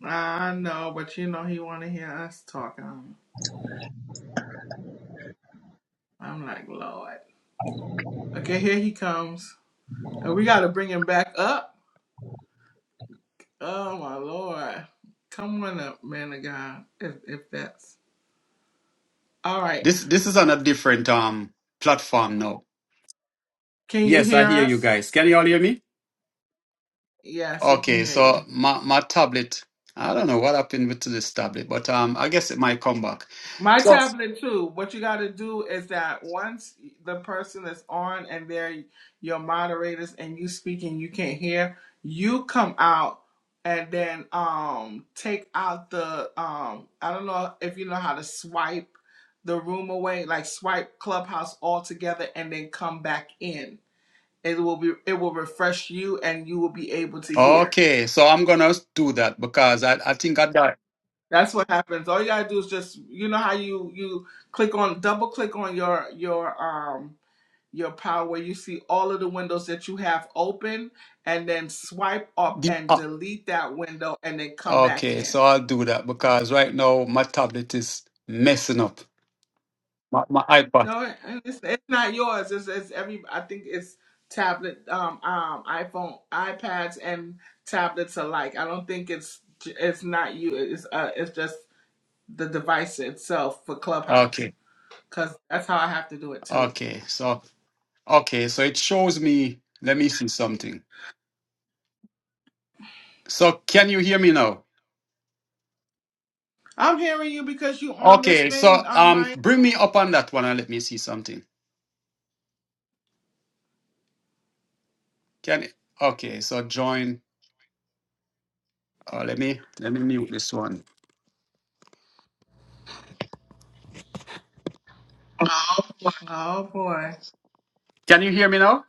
I know, but you know he want to hear us talking. I'm I'm like, Lord. Okay, here he comes, and we got to bring him back up. Oh my Lord, come on up, man of God. If if that's all right, This this is on a different um platform now. can you Yes, I hear hear you us? guys. Can you all hear me? Yes, we can Okay, hear you. so my my tablet. I don't know what happened with this tablet, but um, I guess it might come back. My So tablet too. What you got to do is that once the person is on and they're your moderators and you speaking, you can't hear. You come out and then um take out the um I don't know if you know how to swipe the room away, like swipe Clubhouse altogether and then come back in. It will be it will refresh you and you will be able to hear. okay, so I'm gonna do that because I I think I got That's what happens. All you gotta do is just you know how you you click on double click on your your um your power where you see all of the windows that you have open and then swipe up the. and ah, delete that window and then come back Okay, in. so I'll do that because right now my tablet is messing up. My my iPad. No, it- it's, it's not yours. It's, it's every I think it's tablet um um iPhone iPads and tablets alike. I don't think it's it's not you. It's uh it's just the device itself for Clubhouse Okay, because that's how I have to do it too. okay, so okay, so it shows me. Let me see something. So can you hear me now? I'm hearing you because you on this Okay, so thing, um, um, Mike. bring me up on that one and let me see something. Can okay, so join. Uh, let me let me mute this one. Oh boy. Can you hear me now?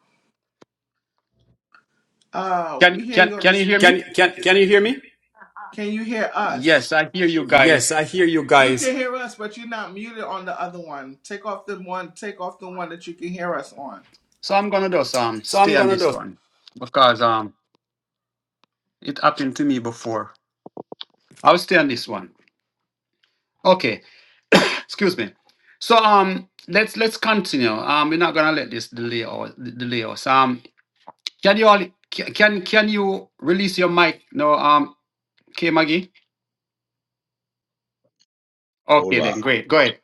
Uh, Can we hear can you on can you this. hear me? Can can can you hear me? Can you hear us? Yes, I hear you Yes, guys. I hear you You guys. can hear us, but you're not muted on the other one. Take off the one. Take off the one that you can hear us on. So I'm gonna just um So I'm stay on gonna this do one because um it happened to me before. I'll stay on this one. Okay, excuse me. So um let's let's continue. Um, we're not gonna let this delay or delay us. Um, can you all can can you release your mic? No, um, K Maggie. Okay, Hola. then great. Go ahead.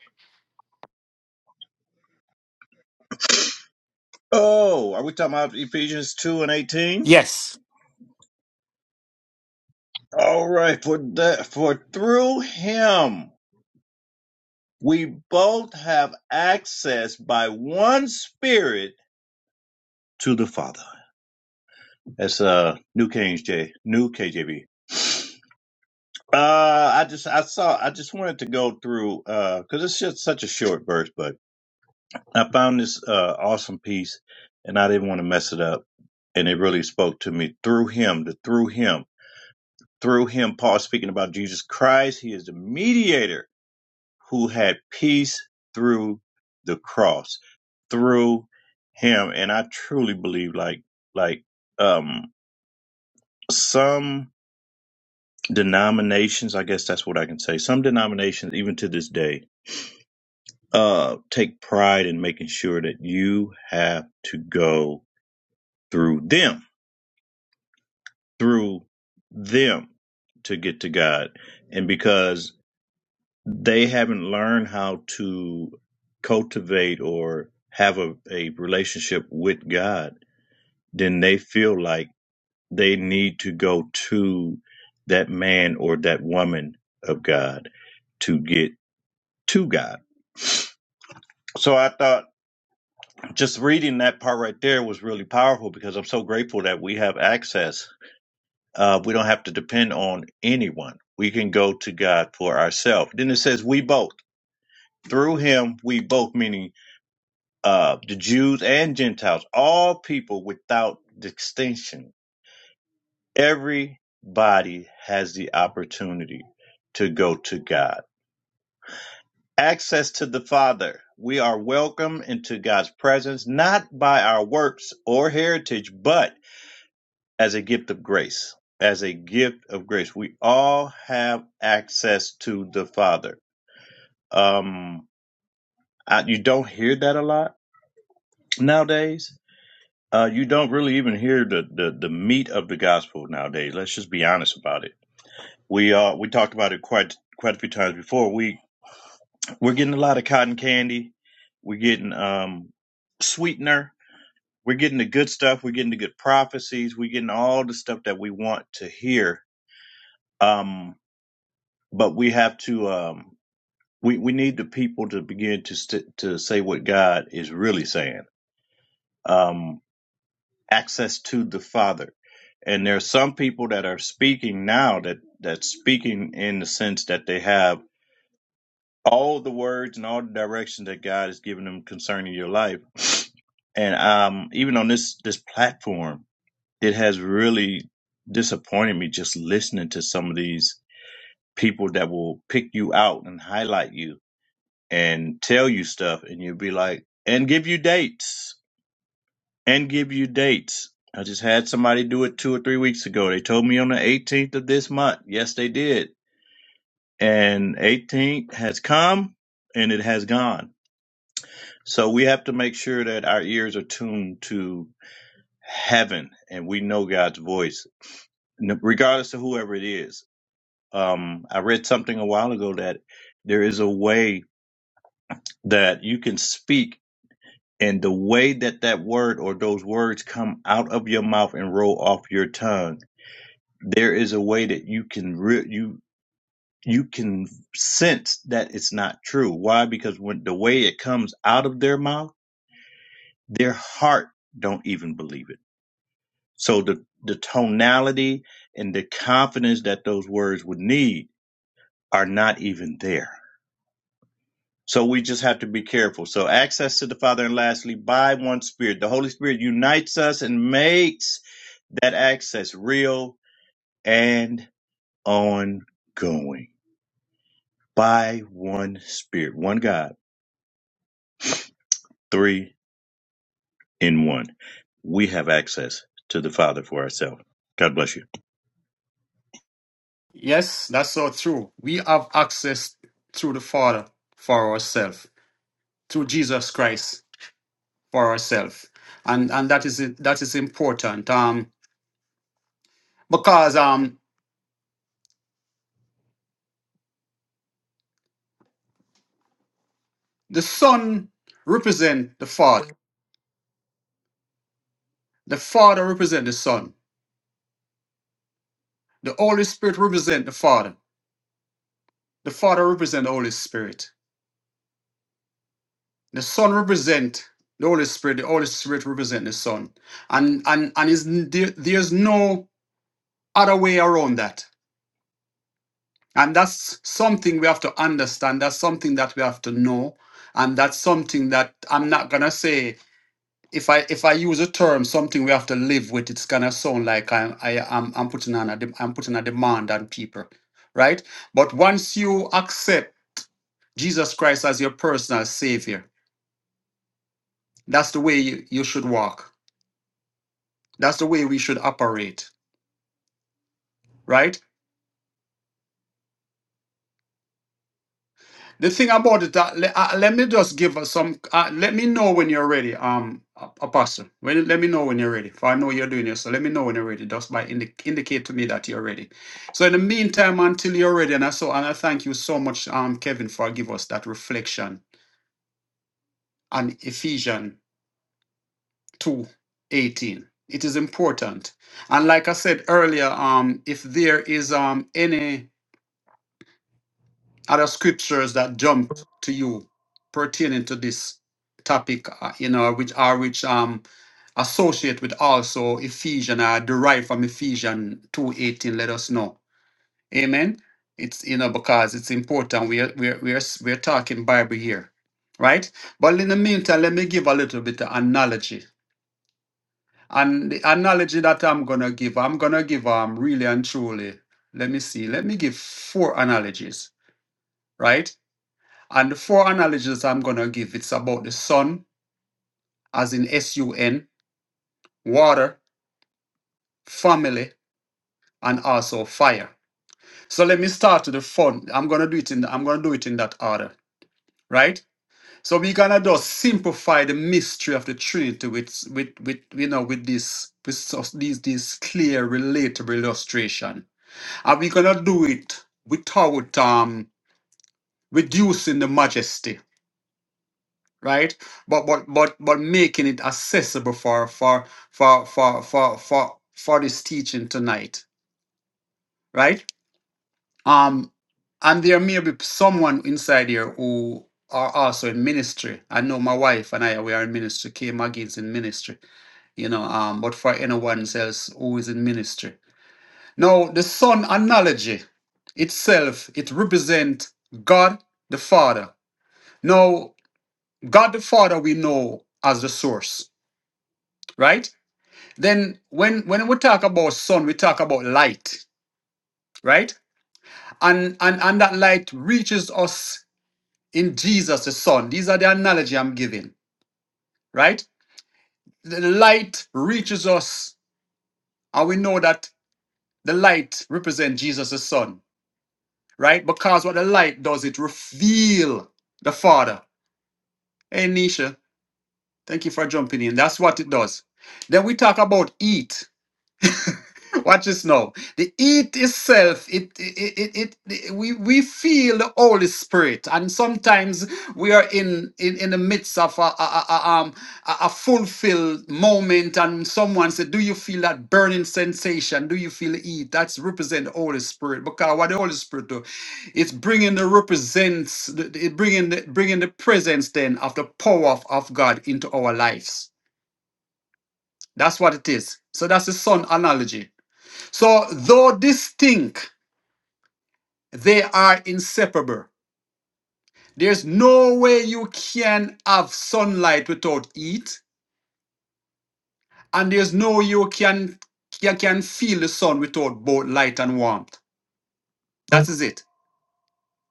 Oh, are we talking about Ephesians two and eighteen? Yes. All right, for that, for through him. we both have access by one spirit to the Father. That's uh New King J New KJV. Uh I just I saw I just wanted to go through uh because it's just such a short verse, but I found this uh awesome piece and I didn't want to mess it up. And it really spoke to me through him, the through him, through him, Paul speaking about Jesus Christ. He is the mediator who had peace through the cross, through him. And I truly believe like like um some denominations, I guess that's what I can say. Some denominations, even to this day, uh take pride in making sure that you have to go through them, through them to get to God. And because they haven't learned how to cultivate or have a, a relationship with God, then they feel like they need to go to that man or that woman of God to get to God. So I thought just reading that part right there was really powerful because I'm so grateful that we have access. Uh, we don't have to depend on anyone. We can go to God for ourselves. Then it says, we both. Through him, we both, meaning uh, the Jews and Gentiles, all people without distinction. Everybody has the opportunity to go to God. Access to the Father. We are welcome into God's presence, not by our works or heritage, but as a gift of grace. As a gift of grace. We all have access to the Father. Um, I, you don't hear that a lot nowadays Uh, you don't really even hear the, the, the meat of the gospel nowadays. Let's just be honest about it. We uh we talked about it quite quite a few times before. We we're getting a lot of cotton candy. We're getting um sweetener. We're getting the good stuff. We're getting the good prophecies. We're getting all the stuff that we want to hear. Um, but we have to um we we need the people to begin to st- to say what God is really saying. Um, access to the Father. And there are some people that are speaking now that that's speaking in the sense that they have all the words and all the directions that God has given them concerning your life. And um, even on this this platform, it has really disappointed me just listening to some of these people that will pick you out and highlight you and tell you stuff, and you'll be like, and give you dates and give you dates. I just had somebody do it two or three weeks ago. They told me on the 18th of this month. Yes, they did. And 18th has come and it has gone. So we have to make sure that our ears are tuned to heaven and we know God's voice, regardless of whoever it is. Um, I read something a while ago that there is a way that you can speak and the way that that word or those words come out of your mouth and roll off your tongue there is a way that you can re- you you can sense that it's not true. Why? Because when the way it comes out of their mouth, their heart don't even believe it. So the the tonality and the confidence that those words would need are not even there. So we just have to be careful. So access to the Father and lastly by one spirit. The Holy Spirit unites us and makes that access real and ongoing. by one Spirit, one God, three in one. We have access to the Father for ourselves. God bless you. Yes, that's so true. We have access through the Father for ourselves, through Jesus Christ for ourselves, and and that is that is important. Um, because um, the Son represent the Father, the Father represent the Son, the Holy Spirit represent the Father, the Father represent the Holy Spirit, the Son represent the Holy Spirit, the Holy Spirit represent the Son, and and and is there, there's no other way around that. And that's something we have to understand. That's something that we have to know. And that's something that I'm not gonna say if I if I use a term, something we have to live with, it's gonna sound like I'm I, I'm I'm putting on a de- I'm putting a demand on people, right? But once you accept Jesus Christ as your personal savior, that's the way you, you should walk. That's the way we should operate, right? The thing about it, uh, le- uh, let me just give us some. Uh, let me know when you're ready, um, A- Apostle. When, let me know when you're ready. For I know you're doing this, so let me know when you're ready. Just by indi- indicate to me that you're ready. So in the meantime, until you're ready, and I so and I thank you so much, um, Kevin, for giving us that reflection on Ephesians two eighteen. It is important, and like I said earlier, um, if there is um any other scriptures that jump to you pertaining to this topic, uh, you know, which are which um associate with also Ephesians are derived from Ephesians two eighteen. Let us know, Amen. It's you know because it's important. We are we are we are, we are talking Bible here, right? But in the meantime, let me give a little bit of analogy. And the analogy that I'm gonna give, I'm gonna give um really and truly. Let me see. Let me give four analogies, right? And the four analogies I'm going to give, it's about the sun, as in S-U-N, water, family, and also fire. So let me start with the fun. I'm going to do it in, I'm going to do it in that order, right? So we're going to just simplify the mystery of the Trinity with, with, with you know, with this, with these, these clear, relatable illustration. And we're going to do it without, um, reducing the majesty right but but but but making it accessible for for for for for for, for this teaching tonight right um and there may be someone inside here who are also in ministry i know my wife and i we are in ministry k mcgee's in ministry you know um but for anyone else who is in ministry now the son analogy itself it represents god the father now god the father we know as the source right Then when when we talk about sun, we talk about light, right? And and and that light reaches us in Jesus the Son. These are the analogy I'm giving, right? The light reaches us, and we know that the light represents Jesus the Son, right? Because what the light does, it reveal the Father. Hey Nisha, thank you for jumping in. That's what it does. Then we talk about eat. Watch this now. The eat itself, it, it, it, it, it- we, we feel the Holy Spirit, and sometimes we are in in, in the midst of a, a, a, a, um, a a fulfilled moment, and someone said, "Do you feel that burning sensation? Do you feel the eat?" That's represent the Holy Spirit because what the Holy Spirit do, it's bringing the represents, the- the- it bringing the bringing the presence then of the power of, of God into our lives. That's what it is. So that's the sun analogy. So, though distinct, they are inseparable. There's no way you can have sunlight without heat, and there's no way you can, can, can feel the sun without both light and warmth. That is it.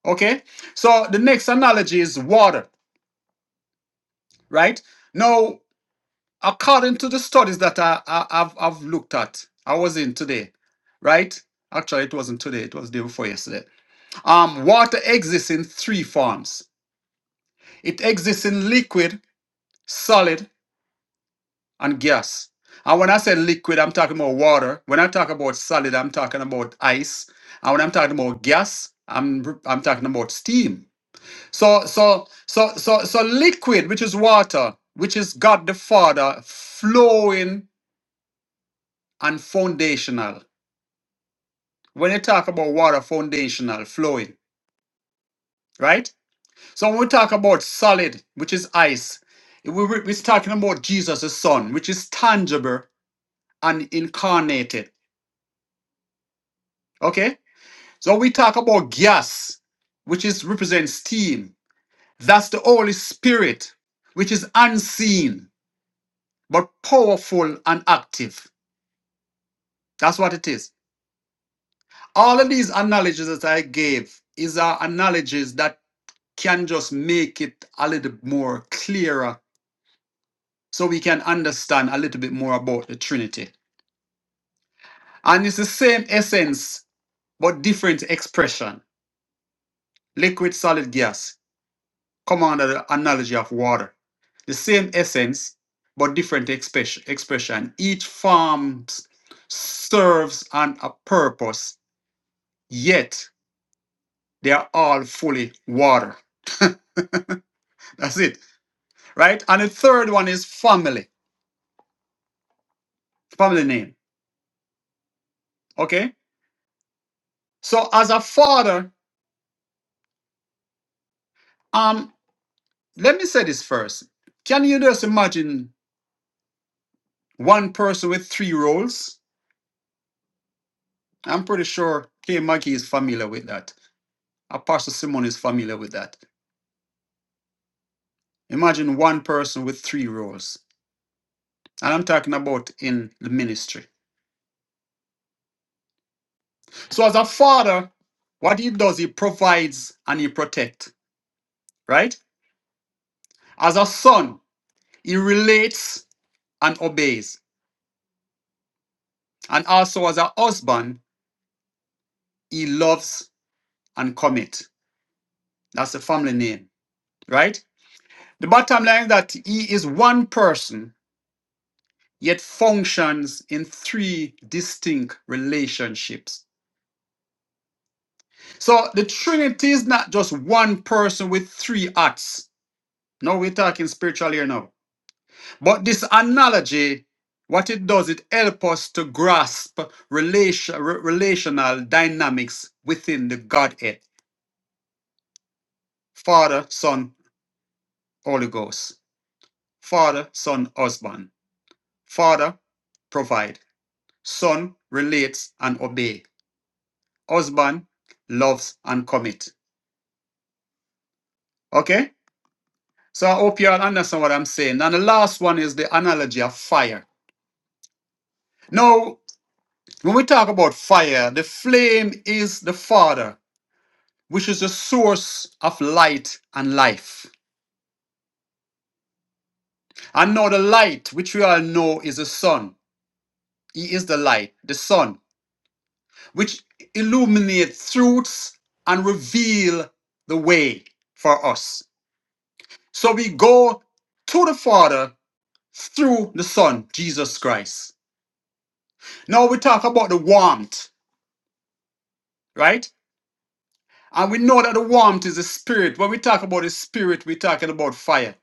Okay? So, the next analogy is water, right? Now, according to the studies that I, I, I've, I've looked at, I was in today, right? Actually, it wasn't today, it was the day before yesterday. Um, water exists in three forms It exists in liquid, solid, and gas. And when I say liquid, I'm talking about water. When I talk about solid, I'm talking about ice. And when I'm talking about gas, I'm I'm talking about steam. So so so so so liquid, which is water, which is God the Father, flowing and foundational. When you talk about water, foundational, flowing, right? So when we talk about solid, which is ice, we, we- we're talking about Jesus' the Son, which is tangible and incarnated. Okay? So we talk about gas, which is represents steam. That's the Holy Spirit, which is unseen but powerful and active. That's what it is. All of these analogies that I gave is are analogies that can just make it a little more clearer so we can understand a little bit more about the Trinity. And it's the same essence but different expression. Liquid, solid, gas. come under the analogy of water. The same essence, but different expression. expression. Each form serves on a purpose, yet they are all fully water. That's it, right? And the third one is family, family name. Okay? So, as a father, um, let me say this first. Can you just imagine one person with three roles? I'm pretty sure K. Maggie is familiar with that. Apostle Simon is familiar with that. Imagine one person with three roles. And I'm talking about in the ministry. So as a father, what he does, he provides and he protects, right? As a son, he relates and obeys. And also as a husband, he loves and commit. That's the family name, right? The bottom line is that he is one person, yet functions in three distinct relationships So the Trinity is not just one person with three acts. No, we're talking spiritual here now. But this analogy, what it does, it helps us to grasp relation, re- relational dynamics within the Godhead. Father, Son, Holy Ghost. Father, Son, Husband. Father, provide. Son, relates and obey. Husband, loves and commit. Okay? So I hope you all understand what I'm saying. And the last one is the analogy of fire. Now, when we talk about fire, the flame is the Father, which is the source of light and life. And now the light, which we all know is the sun. He is the light, the sun, which illuminates truths and reveal the way for us. So we go to the Father through the Son, Jesus Christ. Now we talk about the warmth, right? And we know that the warmth is a spirit. When we talk about the spirit, we're talking about fire,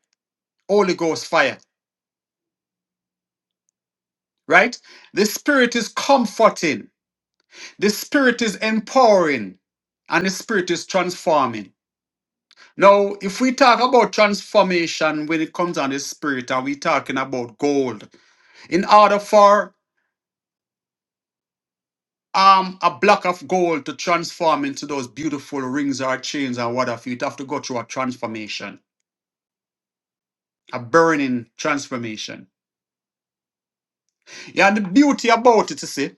Holy Ghost fire, right? The spirit is comforting, the spirit is empowering, and the spirit is transforming. Now, if we talk about transformation when it comes on the spirit, are we talking about gold, in order for um, a block of gold to transform into those beautiful rings or chains or what have you, it have to go through a transformation, a burning transformation. Yeah, and the beauty about it, you see,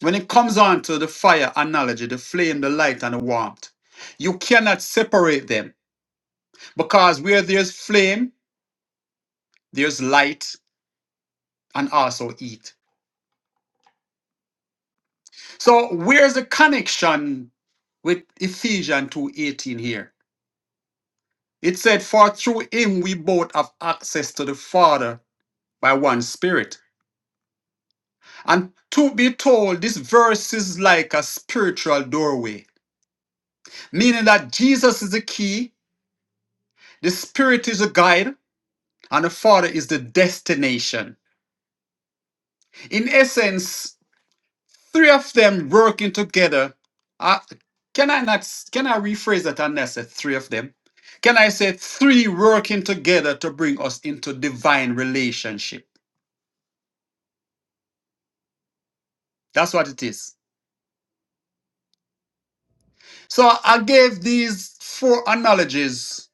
when it comes on to the fire analogy, the flame, the light, and the warmth, you cannot separate them because where there's flame, there's light and also heat. So where's the connection with Ephesians 2.18 here? It said, For through him we both have access to the Father by one spirit. And to be told, this verse is like a spiritual doorway, meaning that Jesus is the key The Spirit is a guide, and the Father is the destination. In essence, three of them working together. Uh, can I not? Can I rephrase that? And I said three of them. Can I say three working together to bring us into divine relationship? That's what it is. So I gave these four analogies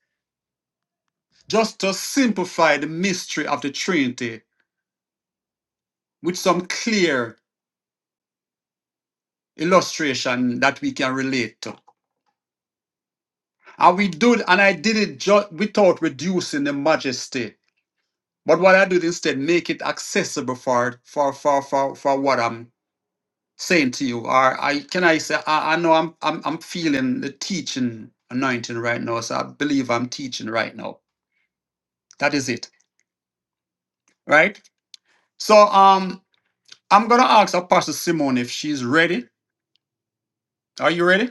just to simplify the mystery of the Trinity with some clear illustration that we can relate to. And we do it, and I did it ju- without reducing the majesty. But what I did instead, make it accessible for for for for, for what I'm saying to you. Or I can I say I, I know I'm I'm I'm feeling the teaching anointing right now. So I believe I'm teaching right now. That is it. Right? So um I'm gonna ask Apostle Simone if she's ready. Are you ready?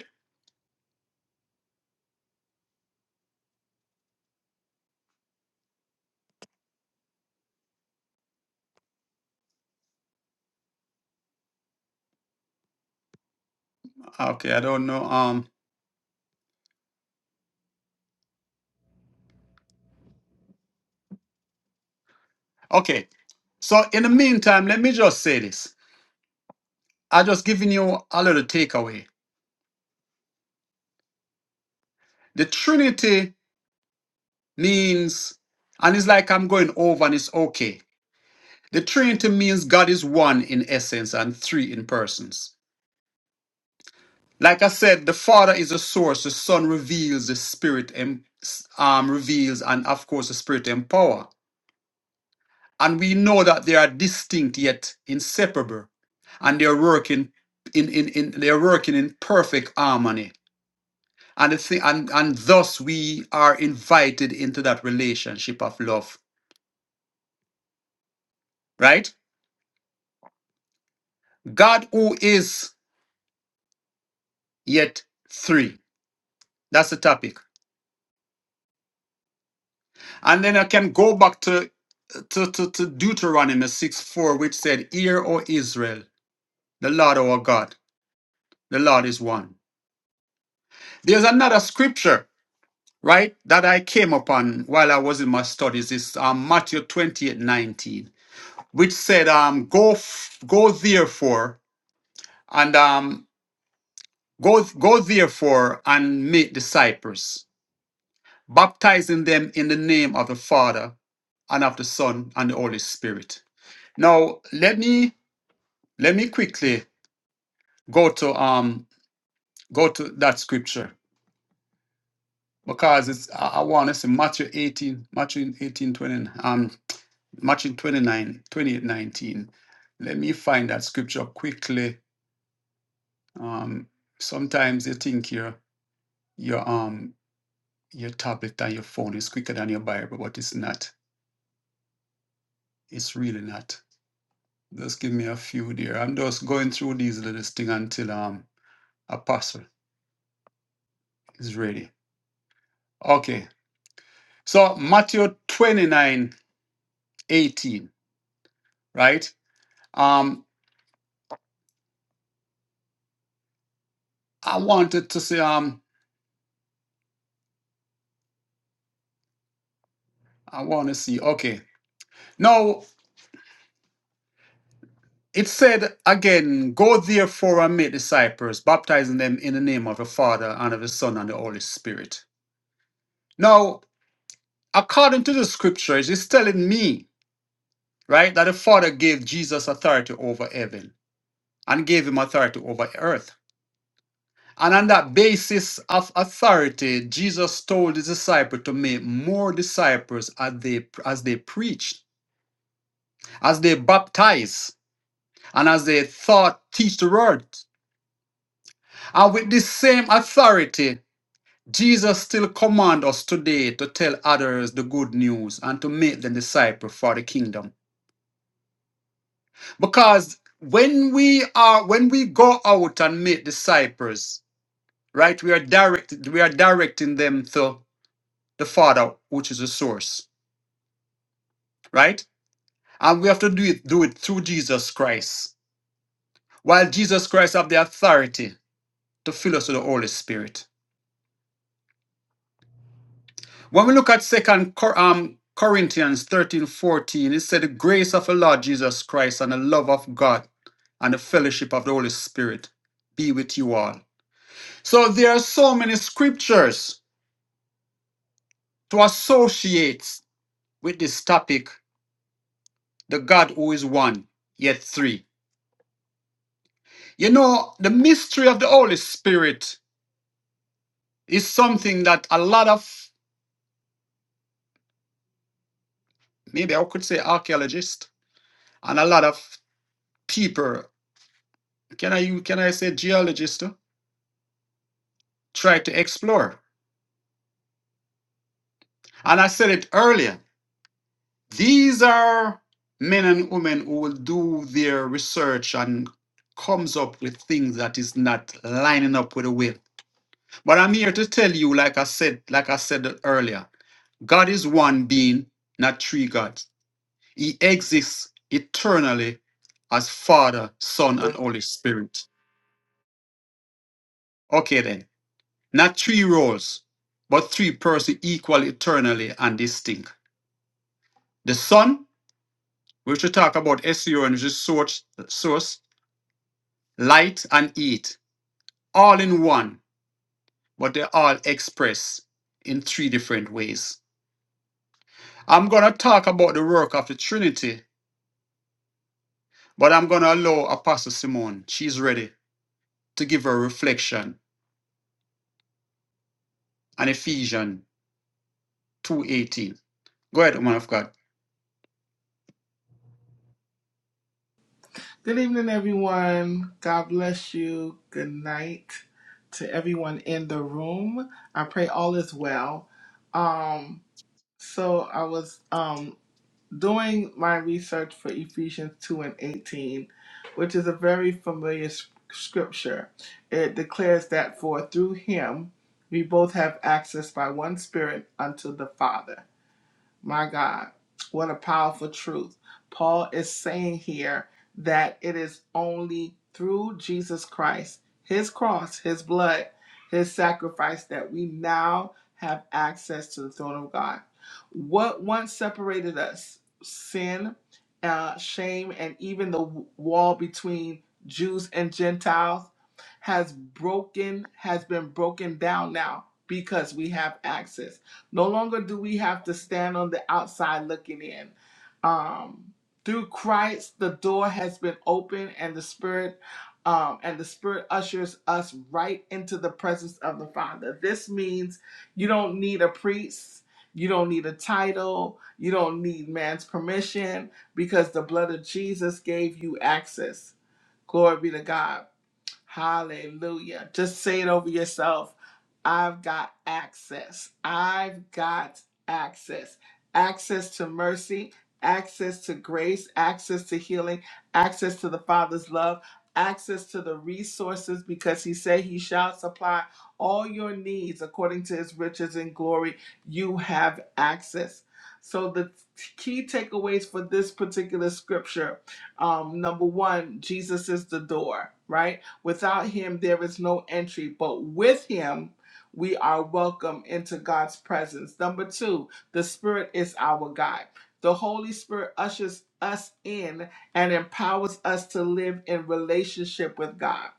Okay, I don't know. Um okay. So in the meantime, let me just say this. I just giving you a little takeaway The Trinity means, and it's like I'm going over and it's okay. The Trinity means God is one in essence and three in persons. Like I said, the Father is the source, the Son reveals, the Spirit em- um, reveals, and of course, the Spirit empower. And we know that they are distinct yet inseparable, and they are working in, in, in they are working in perfect harmony. And the thing, and, and thus we are invited into that relationship of love, right? God who is yet three. That's the topic. And then I can go back to, to, to, to Deuteronomy 6 4, which said, Hear, O Israel, the Lord our God, the Lord is one. There's another scripture, right, that I came upon while I was in my studies. It's um, Matthew 28 19, which said, um, Go f- go therefore and um, go, go therefore and make disciples, baptizing them in the name of the Father and of the Son and the Holy Spirit. Now let me let me quickly go to um go to that scripture because it's I, I want to say Matthew 18, Matthew 18, 20, um Matthew 29 28 19. Let me find that scripture quickly. Um sometimes you think your your um your tablet and your phone is quicker than your Bible, but it's not. It's really not. Just give me a few there. I'm just going through these little things until um a Apostle is ready. Okay. So Matthew 29 18, right? Um, I wanted to see, um, I want to see. Okay. Now it said again, go therefore and make disciples, baptizing them in the name of the Father and of the Son and the Holy Spirit. Now, according to the scriptures, it's telling me, right, that the Father gave Jesus authority over heaven and gave him authority over earth. And on that basis of authority, Jesus told his disciples to make more disciples as they as they preached, as they baptized, and as they thought teach the word. And with this same authority, Jesus still commands us today to tell others the good news and to make them disciples for the kingdom. Because when we are when we go out and make disciples, right, we are directed we are directing them to the Father, which is the source. right? And we have to do it, do it through Jesus Christ, while Jesus Christ have the authority to fill us with the Holy Spirit. When we look at Second Cor- um, Corinthians 13 14, it said, The grace of the Lord Jesus Christ and the love of God and the fellowship of the Holy Spirit be with you all. So there are so many scriptures to associate with this topic, the God who is one, yet three. You know, the mystery of the Holy Spirit is something that a lot of maybe I could say archaeologists and a lot of people can I u- can I say geologists too, try to explore. And I said it earlier. These are men and women who will do their research and comes up with things that is not lining up with the will. But I'm here to tell you, like I said, like I said earlier, God is one being, not three gods. He exists eternally as Father, Son, and Holy Spirit. Okay, then. Not three roles, but three persons equal eternally and distinct. The Son, which we talk about SEO and just source, source, light, and heat, all in one, but they all express in three different ways. I'm going to talk about the work of the Trinity, but I'm going to allow Apostle Simone, she's ready, to give her reflection on Ephesians 2.18. Go ahead, woman of God. Good evening, everyone. God bless you. Good night to everyone in the room. I pray all is well. Um, so I was. Um, doing my research for Ephesians 2 and 18, which is a very familiar scripture, it declares that for through him we both have access by one spirit unto the Father. My God, what a powerful truth. Paul is saying here that it is only through Jesus Christ, his cross, his blood, his sacrifice, that we now have access to the throne of God. What once separated us, sin, uh, shame, and even the wall between Jews and Gentiles, has broken, has been broken down now because we have access. No longer do we have to stand on the outside looking in. Um, through Christ, the door has been opened, and the Spirit, um, and the Spirit ushers us right into the presence of the Father. This means you don't need a priest, you don't need a title, you don't need man's permission, because the blood of Jesus gave you access. Glory be to God. Hallelujah. Just say it over yourself. I've got access. I've got access. Access to mercy, access to grace, access to healing, access to the Father's love, access to the resources because He said He shall supply all your needs according to His riches and glory. You have access. So, the key takeaways for this particular scripture um, number one, Jesus is the door, right? Without him, there is no entry, but with him, we are welcome into God's presence. Number two, the Spirit is our guide. The Holy Spirit ushers us in and empowers us to live in relationship with God.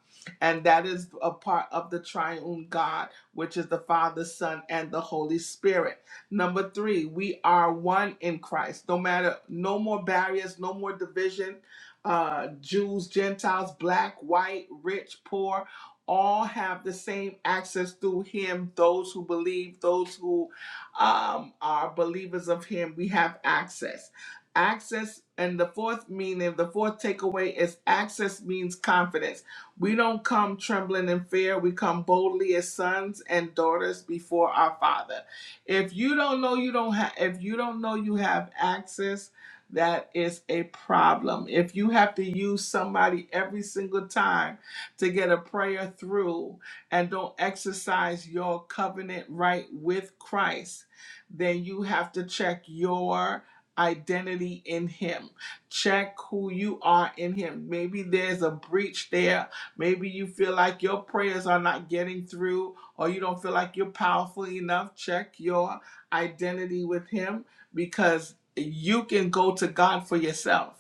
And that is a part of the triune God, which is the Father, Son, and the Holy Spirit. Number three, we are one in Christ. No matter, no more barriers, no more division, uh, Jews, Gentiles, black, white, rich, poor, all have the same access through him. Those who believe, those who um, are believers of him, we have access. Access, and the fourth meaning, the fourth takeaway is access means confidence. We don't come trembling in fear, we come boldly as sons and daughters before our Father. If you don't know you don't have, if you don't know you have access, that is a problem. If you have to use somebody every single time to get a prayer through and don't exercise your covenant right with Christ, then you have to check your identity in Him. Check who you are in Him. Maybe there's a breach there. Maybe you feel like your prayers are not getting through or you don't feel like you're powerful enough. Check your identity with Him because you can go to God for yourself.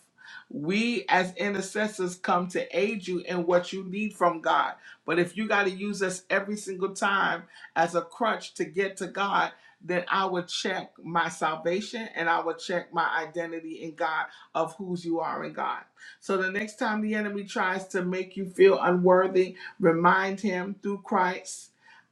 We as intercessors come to aid you in what you need from God. But if you got to use us every single time as a crutch to get to God, then I would check my salvation and I would check my identity in God of whose you are in God. So the next time the enemy tries to make you feel unworthy, remind him through Christ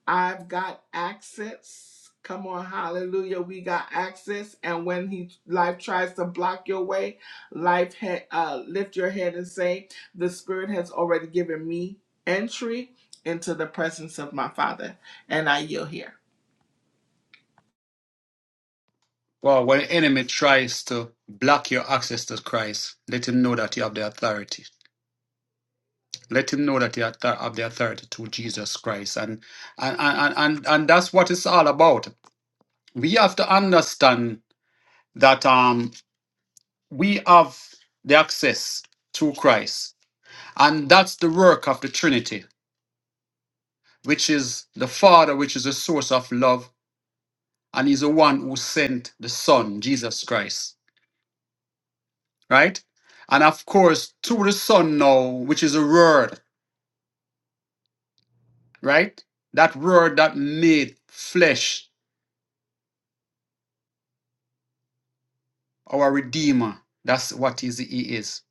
I've got access. Come on, hallelujah. We got access. And when he life tries to block your way, life ha- uh, lift your head and say, The Spirit has already given me entry into the presence of my Father. And I yield here. Well, when the enemy tries to block your access to Christ, let him know that you have the authority. Let him know that you have the have the authority to Jesus Christ. And and, and, and and that's what it's all about. We have to understand that um we have the access to Christ. And that's the work of the Trinity, which is the Father, which is the source of love, and he's the one who sent the Son, Jesus Christ. right? And of course, through the Son now, which is a word, right? That word that made flesh, our Redeemer. That's what is, He is.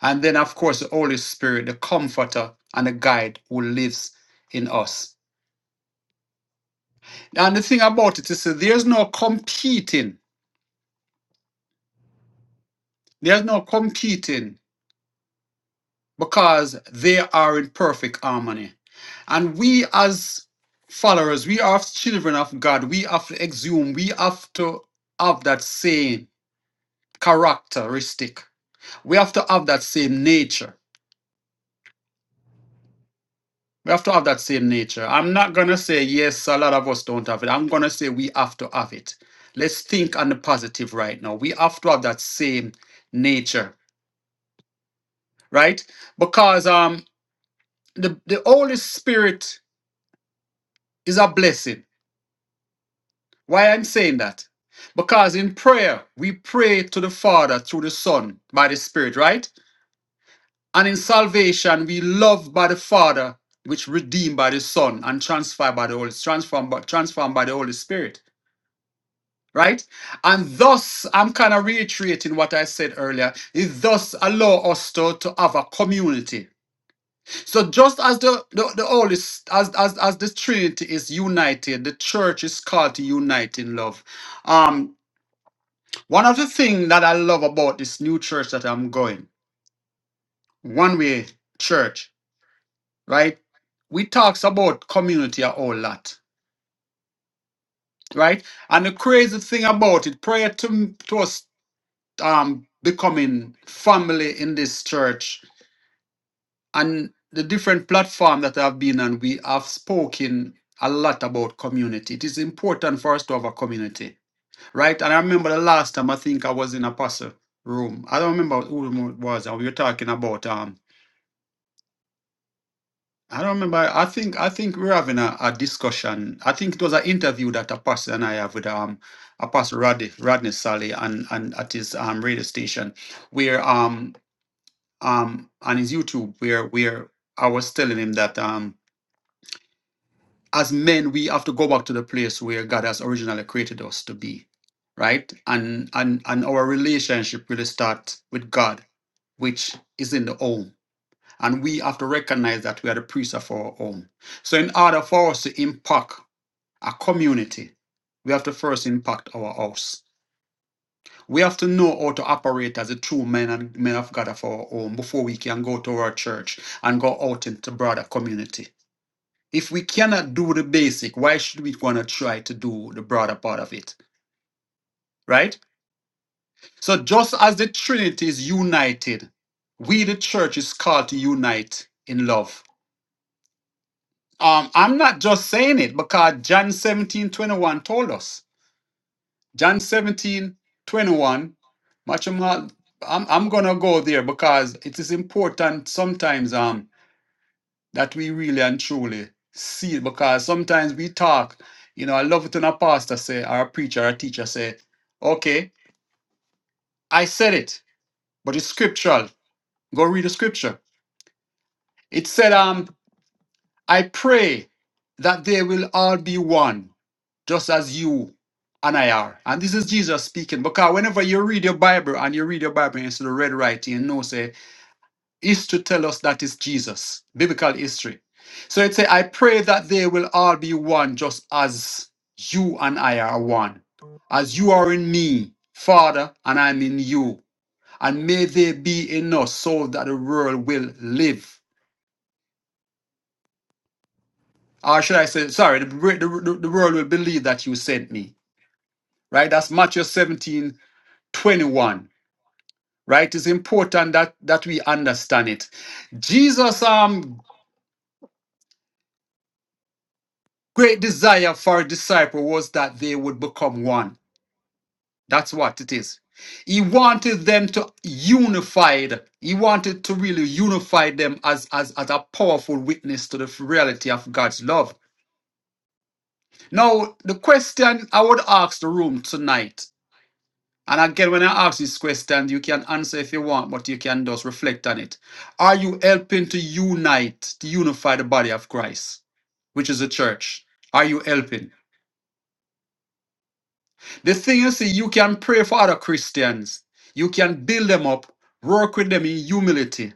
And then, of course, the Holy Spirit, the Comforter and the Guide who lives in us. And the thing about it is that there's no competing. There's no competing because they are in perfect harmony. And we, as followers, we are children of God. We have to exhume, we have to have that same characteristic. We have to have that same nature. We have to have that same nature. I'm not going to say, yes, a lot of us don't have it. I'm going to say, we have to have it. Let's think on the positive right now. We have to have that same nature, right? Because um, the, the Holy Spirit is a blessing Why I'm saying that? Because in prayer, we pray to the Father through the Son by the Spirit, right? And in salvation, we love by the Father, which redeemed by the Son and transferred by the Holy transformed by, transformed by the Holy Spirit, right? And thus, I'm kind of reiterating what I said earlier. It thus allow us to, to have a community. So just as the, the, the Holy S- as, as as the Trinity is united, the church is called to unite in love. um. One of the things that I love about this new church that I'm going, one way church, right? We talks about community a whole lot, right? And the crazy thing about it, prior to, to us um, becoming family in this church and the different platform that I've been on, we have spoken a lot about community. It is important for us to have a community, right? And I remember the last time I think I was in a pastor room. I don't remember who it was, and we were talking about. um. I don't remember. I think I think we're having a, a discussion. I think it was an interview that a pastor and I have with um a pastor Rodney Rodney Sally and and at his um radio station where um um on his YouTube where where I was telling him that um as men we have to go back to the place where God has originally created us to be, right? And and and our relationship really start with God, which is in the home and we have to recognize that we are the priests of our own. So, in order for us to impact a community, we have to first impact our house. We have to know how to operate as a true men and men of God of our own before we can go to our church and go out into broader community. If we cannot do the basic, why should we want to try to do the broader part of it? Right? So just as the Trinity is united, we the church is called to unite in love Um, I'm not just saying it because John 17 21 told us. John 17 21, much of my- I'm, I'm going to go there because it is important sometimes um, that we really and truly see it because sometimes we talk, you know, I love it when a pastor say, or a preacher, or a teacher say, okay, I said it, but it's scriptural. Go read the scripture. It said, um, I pray that they will all be one just as you and I are. And this is Jesus speaking. Because whenever you read your Bible and you read your Bible and you see the red writing, you know, say, history tell us that is Jesus, biblical history. So it say, I pray that they will all be one, just as you and I are one. As you are in me, Father, and I'm in you. And may they be in us so that the world will live. Or should I say, sorry, the, the, the world will believe that you sent me. Right? That's Matthew 17 21. right? It's important that that we understand it. Jesus' um great desire for a disciple was that they would become one. That's what it is. He wanted them to unified. He wanted to really unify them as, as, as a powerful witness to the reality of God's love. Now, the question I would ask the room tonight And again, when I ask this question, you can answer if you want, but you can just reflect on it. Are you helping to unite, to unify the body of Christ, which is the church? Are you helping? The thing is, see, you can pray for other Christians, you can build them up, work with them in humility,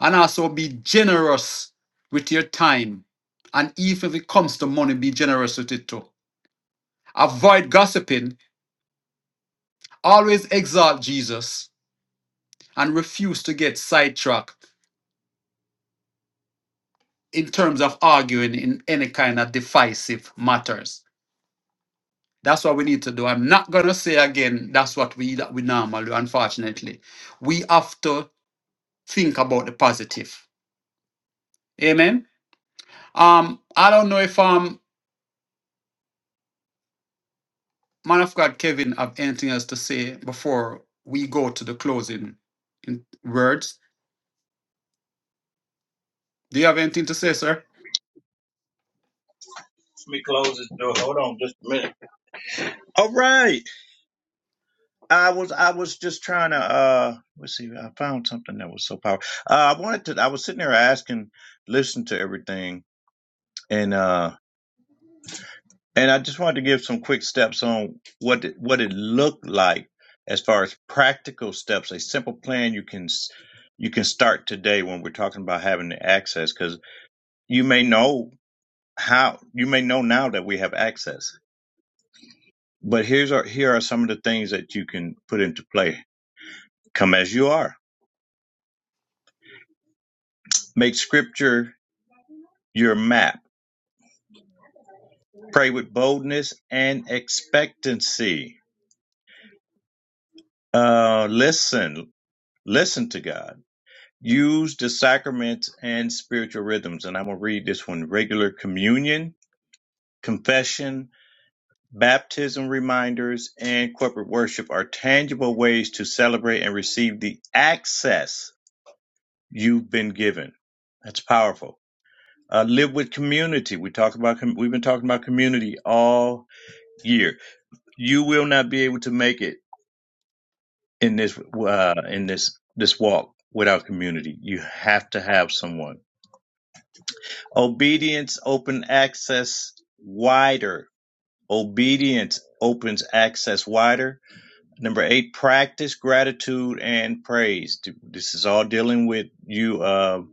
and also be generous with your time. And even if it comes to money, be generous with it too. Avoid gossiping, always exalt Jesus, and refuse to get sidetracked in terms of arguing in any kind of divisive matters. That's what we need to do. I'm not going to say again, that's what we that we normally do, unfortunately. We have to think about the positive. Amen. Um, I don't know if um man of God Kevin have anything else to say before we go to the closing words. Do you have anything to say, sir? Let me close this door. Hold on just a minute. All right. I was I was just trying to uh let's see, I found something that was so powerful. Uh, I wanted to I was sitting there asking, listening to everything. and. uh And I just wanted to give some quick steps on what it, what it looked like as far as practical steps, a simple plan you can s- you can start today when we're talking about having the access cuz you may know how you may know now that we have access. But here's our, here are some of the things that you can put into play. Come as you are. Make scripture your map. Pray with boldness and expectancy. Uh listen, listen to God Use the sacraments and spiritual rhythms. And I'm going to read this one regular communion, confession, baptism reminders, and corporate worship are tangible ways to celebrate and receive the access you've been given. That's powerful. Uh, live with community. We talk about com- we've been talking about community all year. You will not be able to make it in this uh, in this this walk without community. You have to have someone. Obedience open access wider. Obedience opens access wider. Number eight, practice gratitude and praise. This is all dealing with you uh,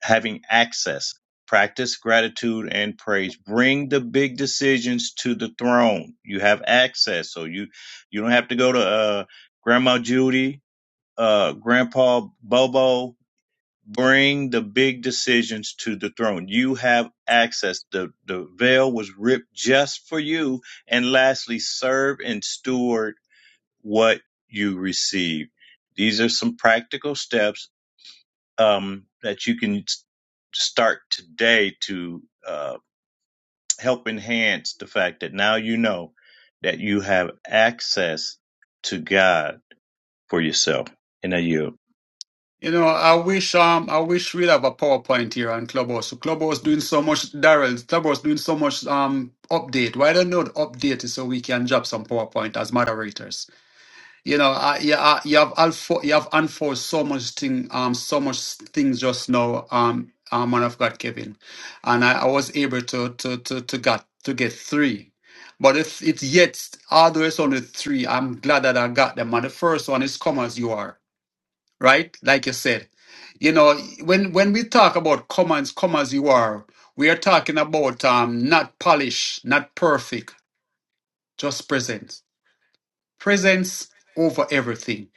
having access. Practice gratitude and praise. Bring the big decisions to the throne. You have access, so you you don't have to go to uh, Grandma Judy, uh, Grandpa Bobo, bring the big decisions to the throne. You have access. The, the veil was ripped just for you. And lastly, serve and steward what you receive. These are some practical steps um, that you can s- start today to uh, help enhance the fact that now you know that you have access to God for yourself. And I you. You know, I wish um I wish we'd have a PowerPoint here on Clubhouse. So Clubhouse doing so much Daryl, Clubhouse doing so much um update. Why don't you update it so we can drop some PowerPoint as moderators? You know, I, you, I, you have alfo- you have unfold so much thing um so much things just now um uh, man of God Kevin, and I, I was able to to to to get to get three. But if it's yet all the way three, I'm glad that I got them. And the first one is come as you are right? Like you said, you know, when when we talk about come and come as you are, we are talking about um, not polished, not perfect, just presence. Presence over everything.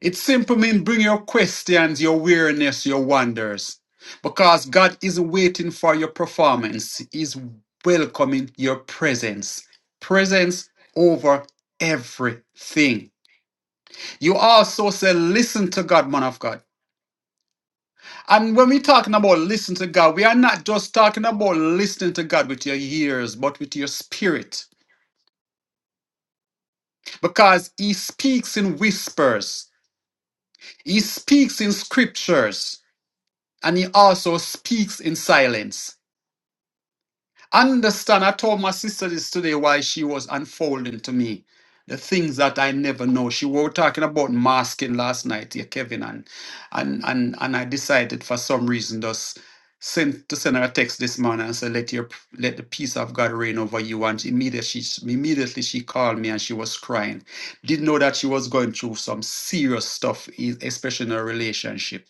It simply means bring your questions, your weariness, your wonders, because God isn't waiting for your performance. He's welcoming your presence. Presence over everything. You also say, listen to God, man of God. And when we're talking about listening to God, we are not just talking about listening to God with your ears, but with your spirit. Because He speaks in whispers, He speaks in scriptures, and He also speaks in silence. Understand, I told my sister this today while she was unfolding to me the things that I never know. She were talking about masking last night here, Kevin, and and and and I decided for some reason just send to send her a text this morning and say, let your let the peace of God reign over you. And immediately she immediately she called me and she was crying. Didn't know that she was going through some serious stuff, e- especially in her relationship.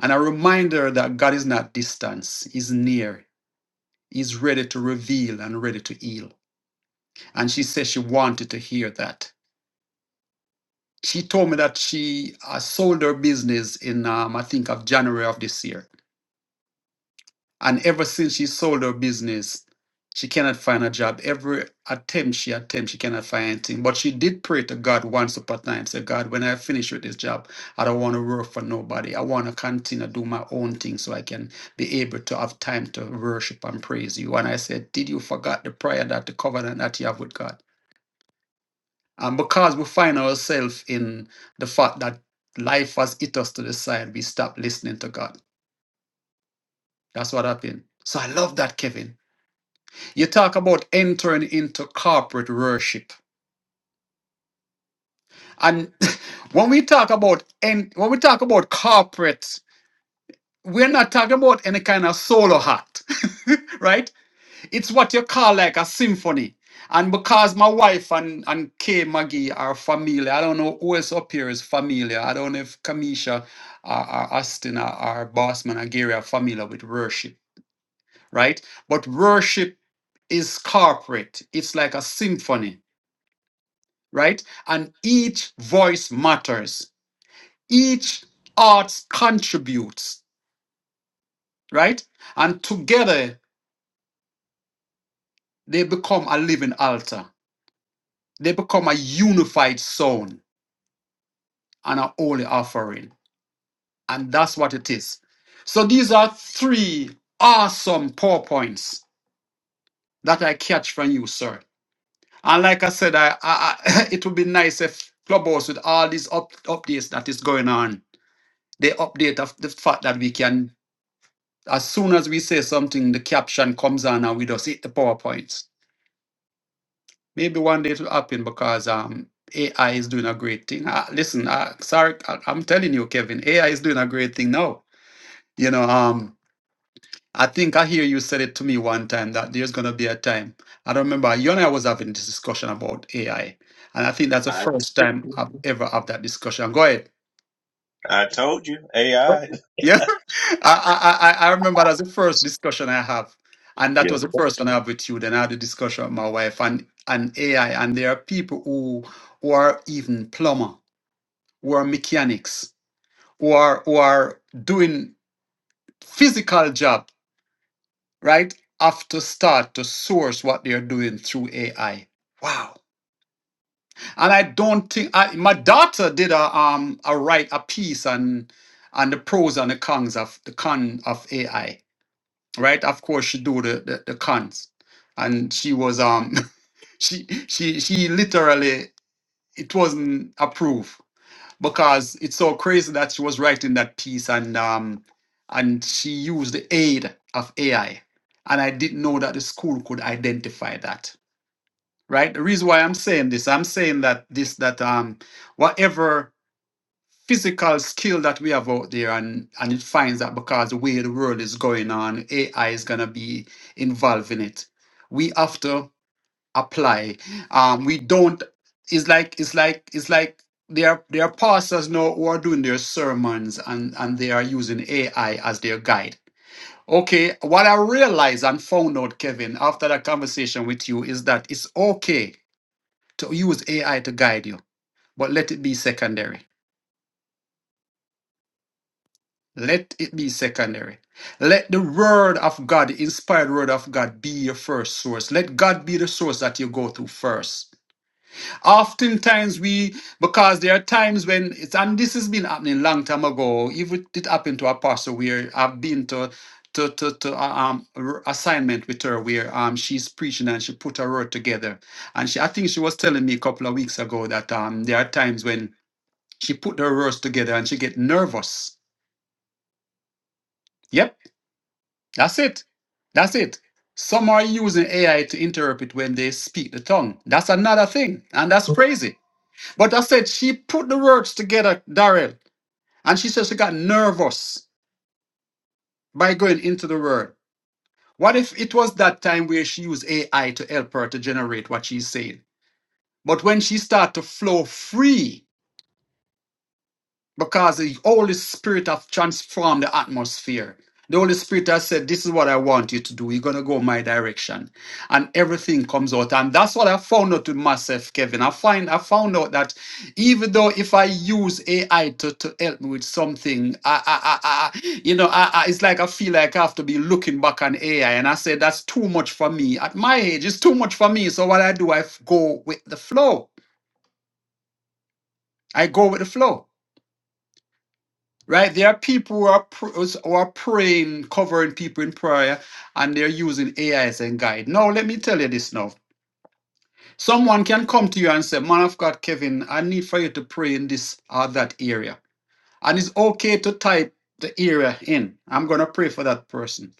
And I remind her that God is not distance, He's near is ready to reveal and ready to heal. And she said she wanted to hear that. She told me that she uh, sold her business in, um, I think, of January of this year And ever since she sold her business, she cannot find a job. Every attempt she attempts, she cannot find anything. But she did pray to God once upon a time, say, God, when I finish with this job, I don't want to work for nobody. I want to continue to do my own thing so I can be able to have time to worship and praise you. And I said, Did you forget the prayer that the covenant that you have with God? And because we find ourselves in the fact that life has hit us to the side, we stop listening to God. That's what happened. So I love that, Kevin You talk about entering into corporate worship. And when we talk about en- when we talk about corporate, we're not talking about any kind of solo hat, right? It's what you call like a symphony. And because my wife and, and Kay Maggie are familiar, I don't know who else up here is familiar. I don't know if Kamisha or, or Austin or, or Bossman or Gary are familiar with worship, right? But worship is corporate. It's like a symphony right? And each voice matters. Each art contributes, right? And together they become a living altar. They become a unified sound and a holy offering. And that's what it is. So these are three awesome powerpoints that I catch from you, sir. And like I said, I, I, I it would be nice if Clubhouse with all these up, updates that is going on, they update of the fact that we can As soon as we say something, the caption comes on and we just hit the PowerPoints. Maybe one day it will happen because um, AI is doing a great thing. Uh, listen, uh, sorry, I, I'm telling you, Kevin, AI is doing a great thing now. You know, um, I think I hear you said it to me one time that there's going to be a time. I don't remember, you and I was having this discussion about AI. And I think that's the I first time I've ever had that discussion. Go ahead. I told you AI. Yeah, I, I I I remember that was the first discussion I have, and that was the first one I have with you. Then I had a discussion with my wife and and AI, and there are people who who are even plumber, who are mechanics, who are who are doing physical job, right? Have to start to source what they are doing through AI. Wow. And I don't think I, my daughter did a um a write a piece on on the pros and the cons of the con of AI right? Of course, she do the, the, the cons, and she was um she she she literally it wasn't approved because it's so crazy that she was writing that piece and um and she used the aid of AI, and I didn't know that the school could identify that, right? The reason why I'm saying this, I'm saying that this that um whatever physical skill that we have out there and and it finds that because the way the world is going on ai is going to be involved in it we have to apply um we don't it's like it's like it's like there are there are pastors now who are doing their sermons and and they are using ai as their guide okay what i realized and found out kevin after that conversation with you is that it's okay to use ai to guide you but let it be secondary Let it be secondary. Let the word of God, the inspired word of God, be your first source. Let God be the source that you go to first. Oftentimes we, because there are times when it's, and this has been happening long time ago. Even it happened to Apostle where I've been to, to, to, to uh, um r- assignment with her where um she's preaching and she put her word together, and she I think she was telling me a couple of weeks ago that um there are times when she put her words together and she get nervous. Yep. That's it. That's it. Some are using AI to interpret when they speak the tongue. That's another thing, and that's crazy. But I said she put the words together, Daryl, and she said she got nervous by going into the word. What if it was that time where she used AI to help her to generate what she's saying? But when she started to flow free, because the Holy Spirit have transformed the atmosphere. The Holy Spirit has said, This is what I want you to do. You're going to go my direction. And everything comes out. And that's what I found out with myself, Kevin. I find I found out that even though if I use AI to, to help me with something, I, I, I, I you know, I, I, it's like I feel like I have to be looking back on AI. And I say, That's too much for me. At my age, it's too much for me. So what I do, I f- go with the flow. I go with the flow. Right? There are people who are, pr- who are praying, covering people in prayer, and they're using AI as a guide. Now, let me tell you this now. Someone can come to you and say, Man of God, Kevin, I need for you to pray in this or that area. And it's okay to type the area in. I'm going to pray for that person.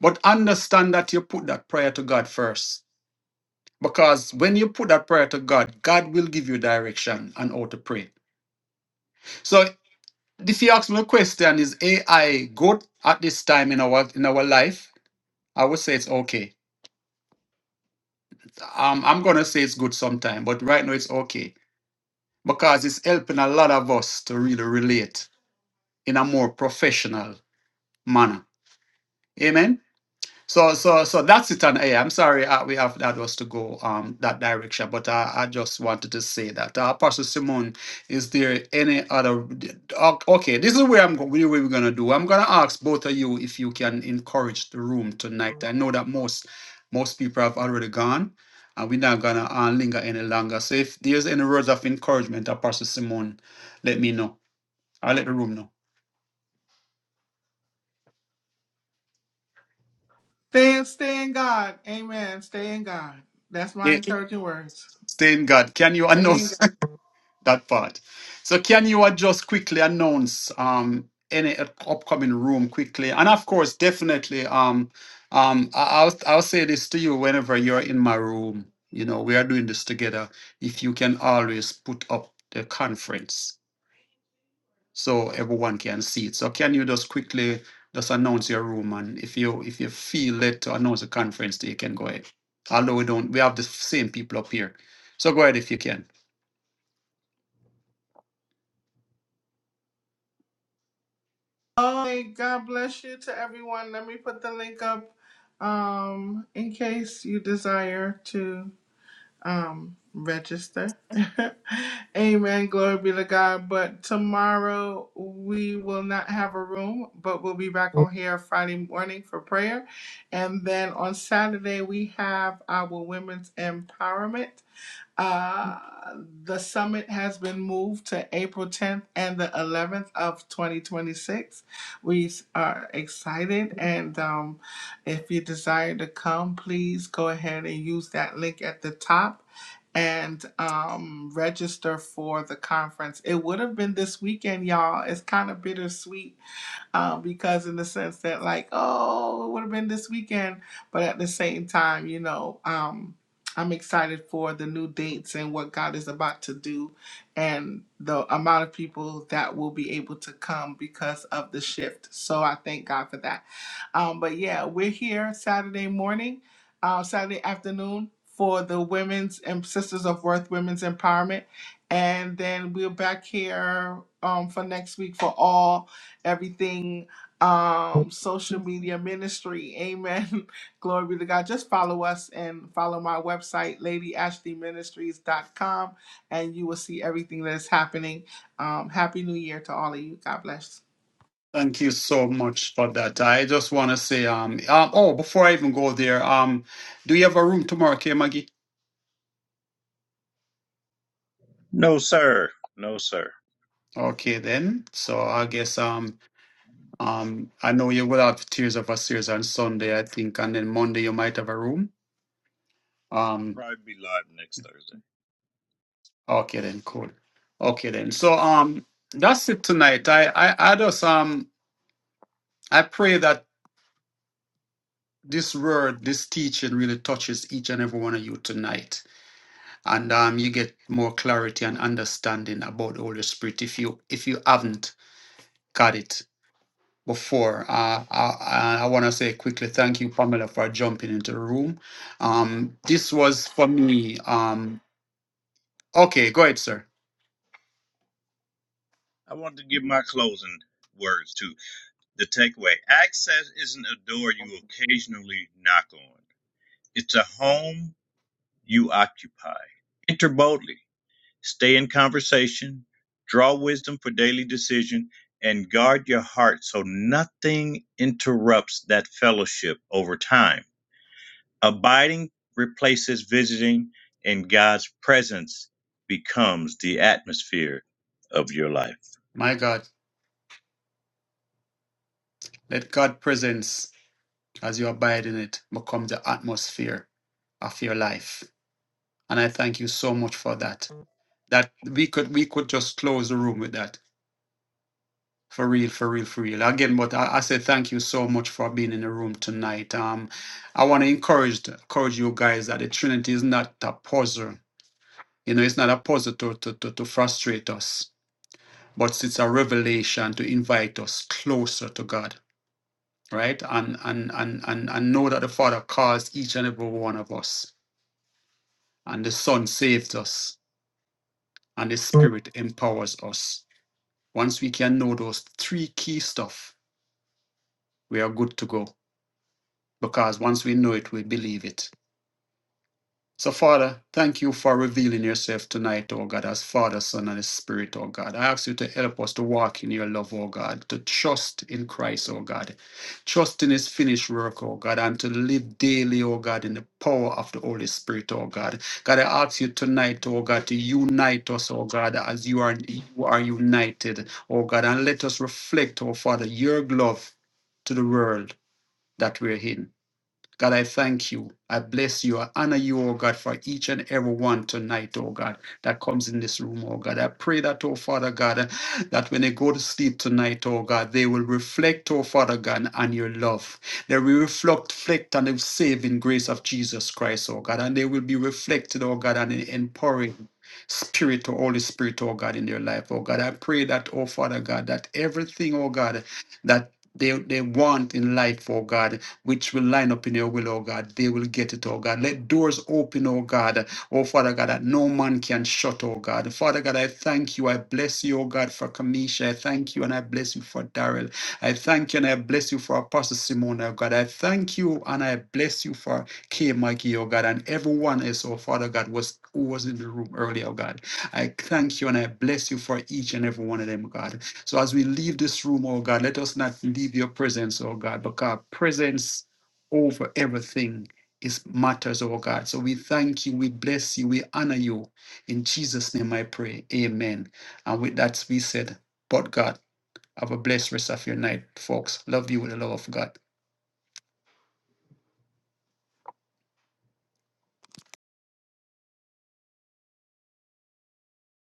But understand that you put that prayer to God first. Because when you put that prayer to God, God will give you direction on how to pray. So If you ask me a question, is AI good at this time in our in our life? I would say it's okay. Um, I'm gonna say it's good sometime, but right now it's okay because it's helping a lot of us to really relate in a more professional manner. Amen. So so so that's it on AM. Sorry, uh, we have that was to go um that direction, but I, I just wanted to say that. Uh, Pastor Simon, is there any other? o- Okay, okay, this is where I'm go- where we're gonna do. I'm gonna ask both of you if you can encourage the room tonight. I know that most most people have already gone, and we're not gonna uh, linger any longer. So if there's any words of encouragement, uh, Pastor Simon, let me know. I'll let the room know. Stay, in- stay in God. Amen. Stay in God. That's my Yeah. encouraging words. Stay in God. Can you Stay in announce? God. that part. So can you uh, just quickly announce um, any up- upcoming room quickly? And of course, definitely, um, um, I- I'll I'll say this to you whenever you're in my room. You know, we are doing this together. If you can always put up the conference so everyone can see it. So can you just quickly just announce your room and if you if you feel led to announce a conference, you can go ahead. Although we don't, we have the same people up here. So go ahead if you can. Oh, hey, God bless you to everyone. Let me put the link up um, in case you desire to. um register. Amen. Glory be to God. But tomorrow we will not have a room, but we'll be back on here Friday morning for prayer. And then on Saturday we have our women's empowerment. Uh, the summit has been moved to April 10th and the 11th of 2026. We are excited, and um, if you desire to come, please go ahead and use that link at the top and um, register for the conference. It would have been this weekend, y'all. It's kind of bittersweet um, because in the sense that like, oh, it would have been this weekend, but at the same time, you know, um, I'm excited for the new dates and what God is about to do, and the amount of people that will be able to come because of the shift. So I thank God for that. Um, but yeah, we're here Saturday morning, uh, Saturday afternoon for the women's and Sisters of Worth Women's Empowerment. And then we're back here um, for next week for all everything um social media ministry amen glory be to god just follow us and follow my website lady ashley ministries dot com, and you will see everything that is happening um happy new year to all of you god bless Thank you so much for that. I just want to say, um, um, oh, before I even go there, um, do you have a room tomorrow, okay, Maggie? No, sir. No, sir. Okay, then. So I guess, um, um, I know you will have Tears of a Series on Sunday, I think, and then Monday you might have a room. Um, Probably be live next Thursday. okay, then, cool. Okay, then. So, um, that's it tonight. I, I, I just, um, I pray that this word, this teaching really touches each and every one of you tonight and um, you get more clarity and understanding about the Holy Spirit if you if you haven't got it before. Uh, I, I want to say quickly thank you, Pamela, for jumping into the room. Um, this was for me. Um, okay, go ahead, sir. I want to give my closing words to the takeaway. Access isn't a door you occasionally knock on. It's a home you occupy. Enter boldly. Stay in conversation. Draw wisdom for daily decision and guard your heart so nothing interrupts that fellowship over time. Abiding replaces visiting, and God's presence becomes the atmosphere of your life. My God, let God presence as you abide in it become the atmosphere of your life, and I thank you so much for that. That we could we could just close the room with that For real, for real, for real. Again, but I, I say thank you so much for being in the room tonight. Um, I want to encourage encourage you guys that the Trinity is not a puzzle. You know, it's not a puzzle to, to, to, to frustrate us, but it's a revelation to invite us closer to God, right? And and and and, and know that the Father calls each and every one of us, and the Son saves us, and the Spirit empowers us. Once we can know those three key stuff, we are good to go. because once we know it, we believe it. So, Father, thank you for revealing yourself tonight, oh God, as Father, Son, and Spirit, oh God. I ask you to help us to walk in your love, oh God, to trust in Christ, oh God, trust in his finished work, oh God, and to live daily, oh God, in the power of the Holy Spirit, oh God. God, I ask you tonight, oh God, to unite us, oh God, as you are, you are united, oh God, and let us reflect, oh Father, your love to the world that we're in. God, I thank you. I bless you. I honor you, oh God, for each and every one tonight, oh God, that comes in this room, oh God. I pray that, oh Father God, that when they go to sleep tonight, oh God, they will reflect, oh Father God, on your love. They will reflect, reflect on the saving grace of Jesus Christ, oh God, and they will be reflected, oh God, on the empowering spirit, oh Holy Spirit, oh God, in their life, oh God. I pray that, oh Father God, that everything, oh God, that they, they want in life, oh God which will line up in your will, oh God. They will get it, oh God. Let doors open, oh God. Oh Father God, that no man can shut, oh God. Father God, I thank you. I bless you, oh God, for Kamisha. I thank you and I bless you for Daryl. I thank you and I bless you for Apostle Simone, oh God. I thank you and I bless you for K. Mikey, oh God, and everyone else, oh Father God, was who was in the room earlier, oh God. I thank you and I bless you for each and every one of them, God. So as we leave this room, oh God, let us not leave your presence, oh God, because presence over everything is matters, oh God. So we thank you, we bless you, we honor you. In Jesus' name I pray. Amen. And with that we said, but God, have a blessed rest of your night, folks. Love you with the love of God.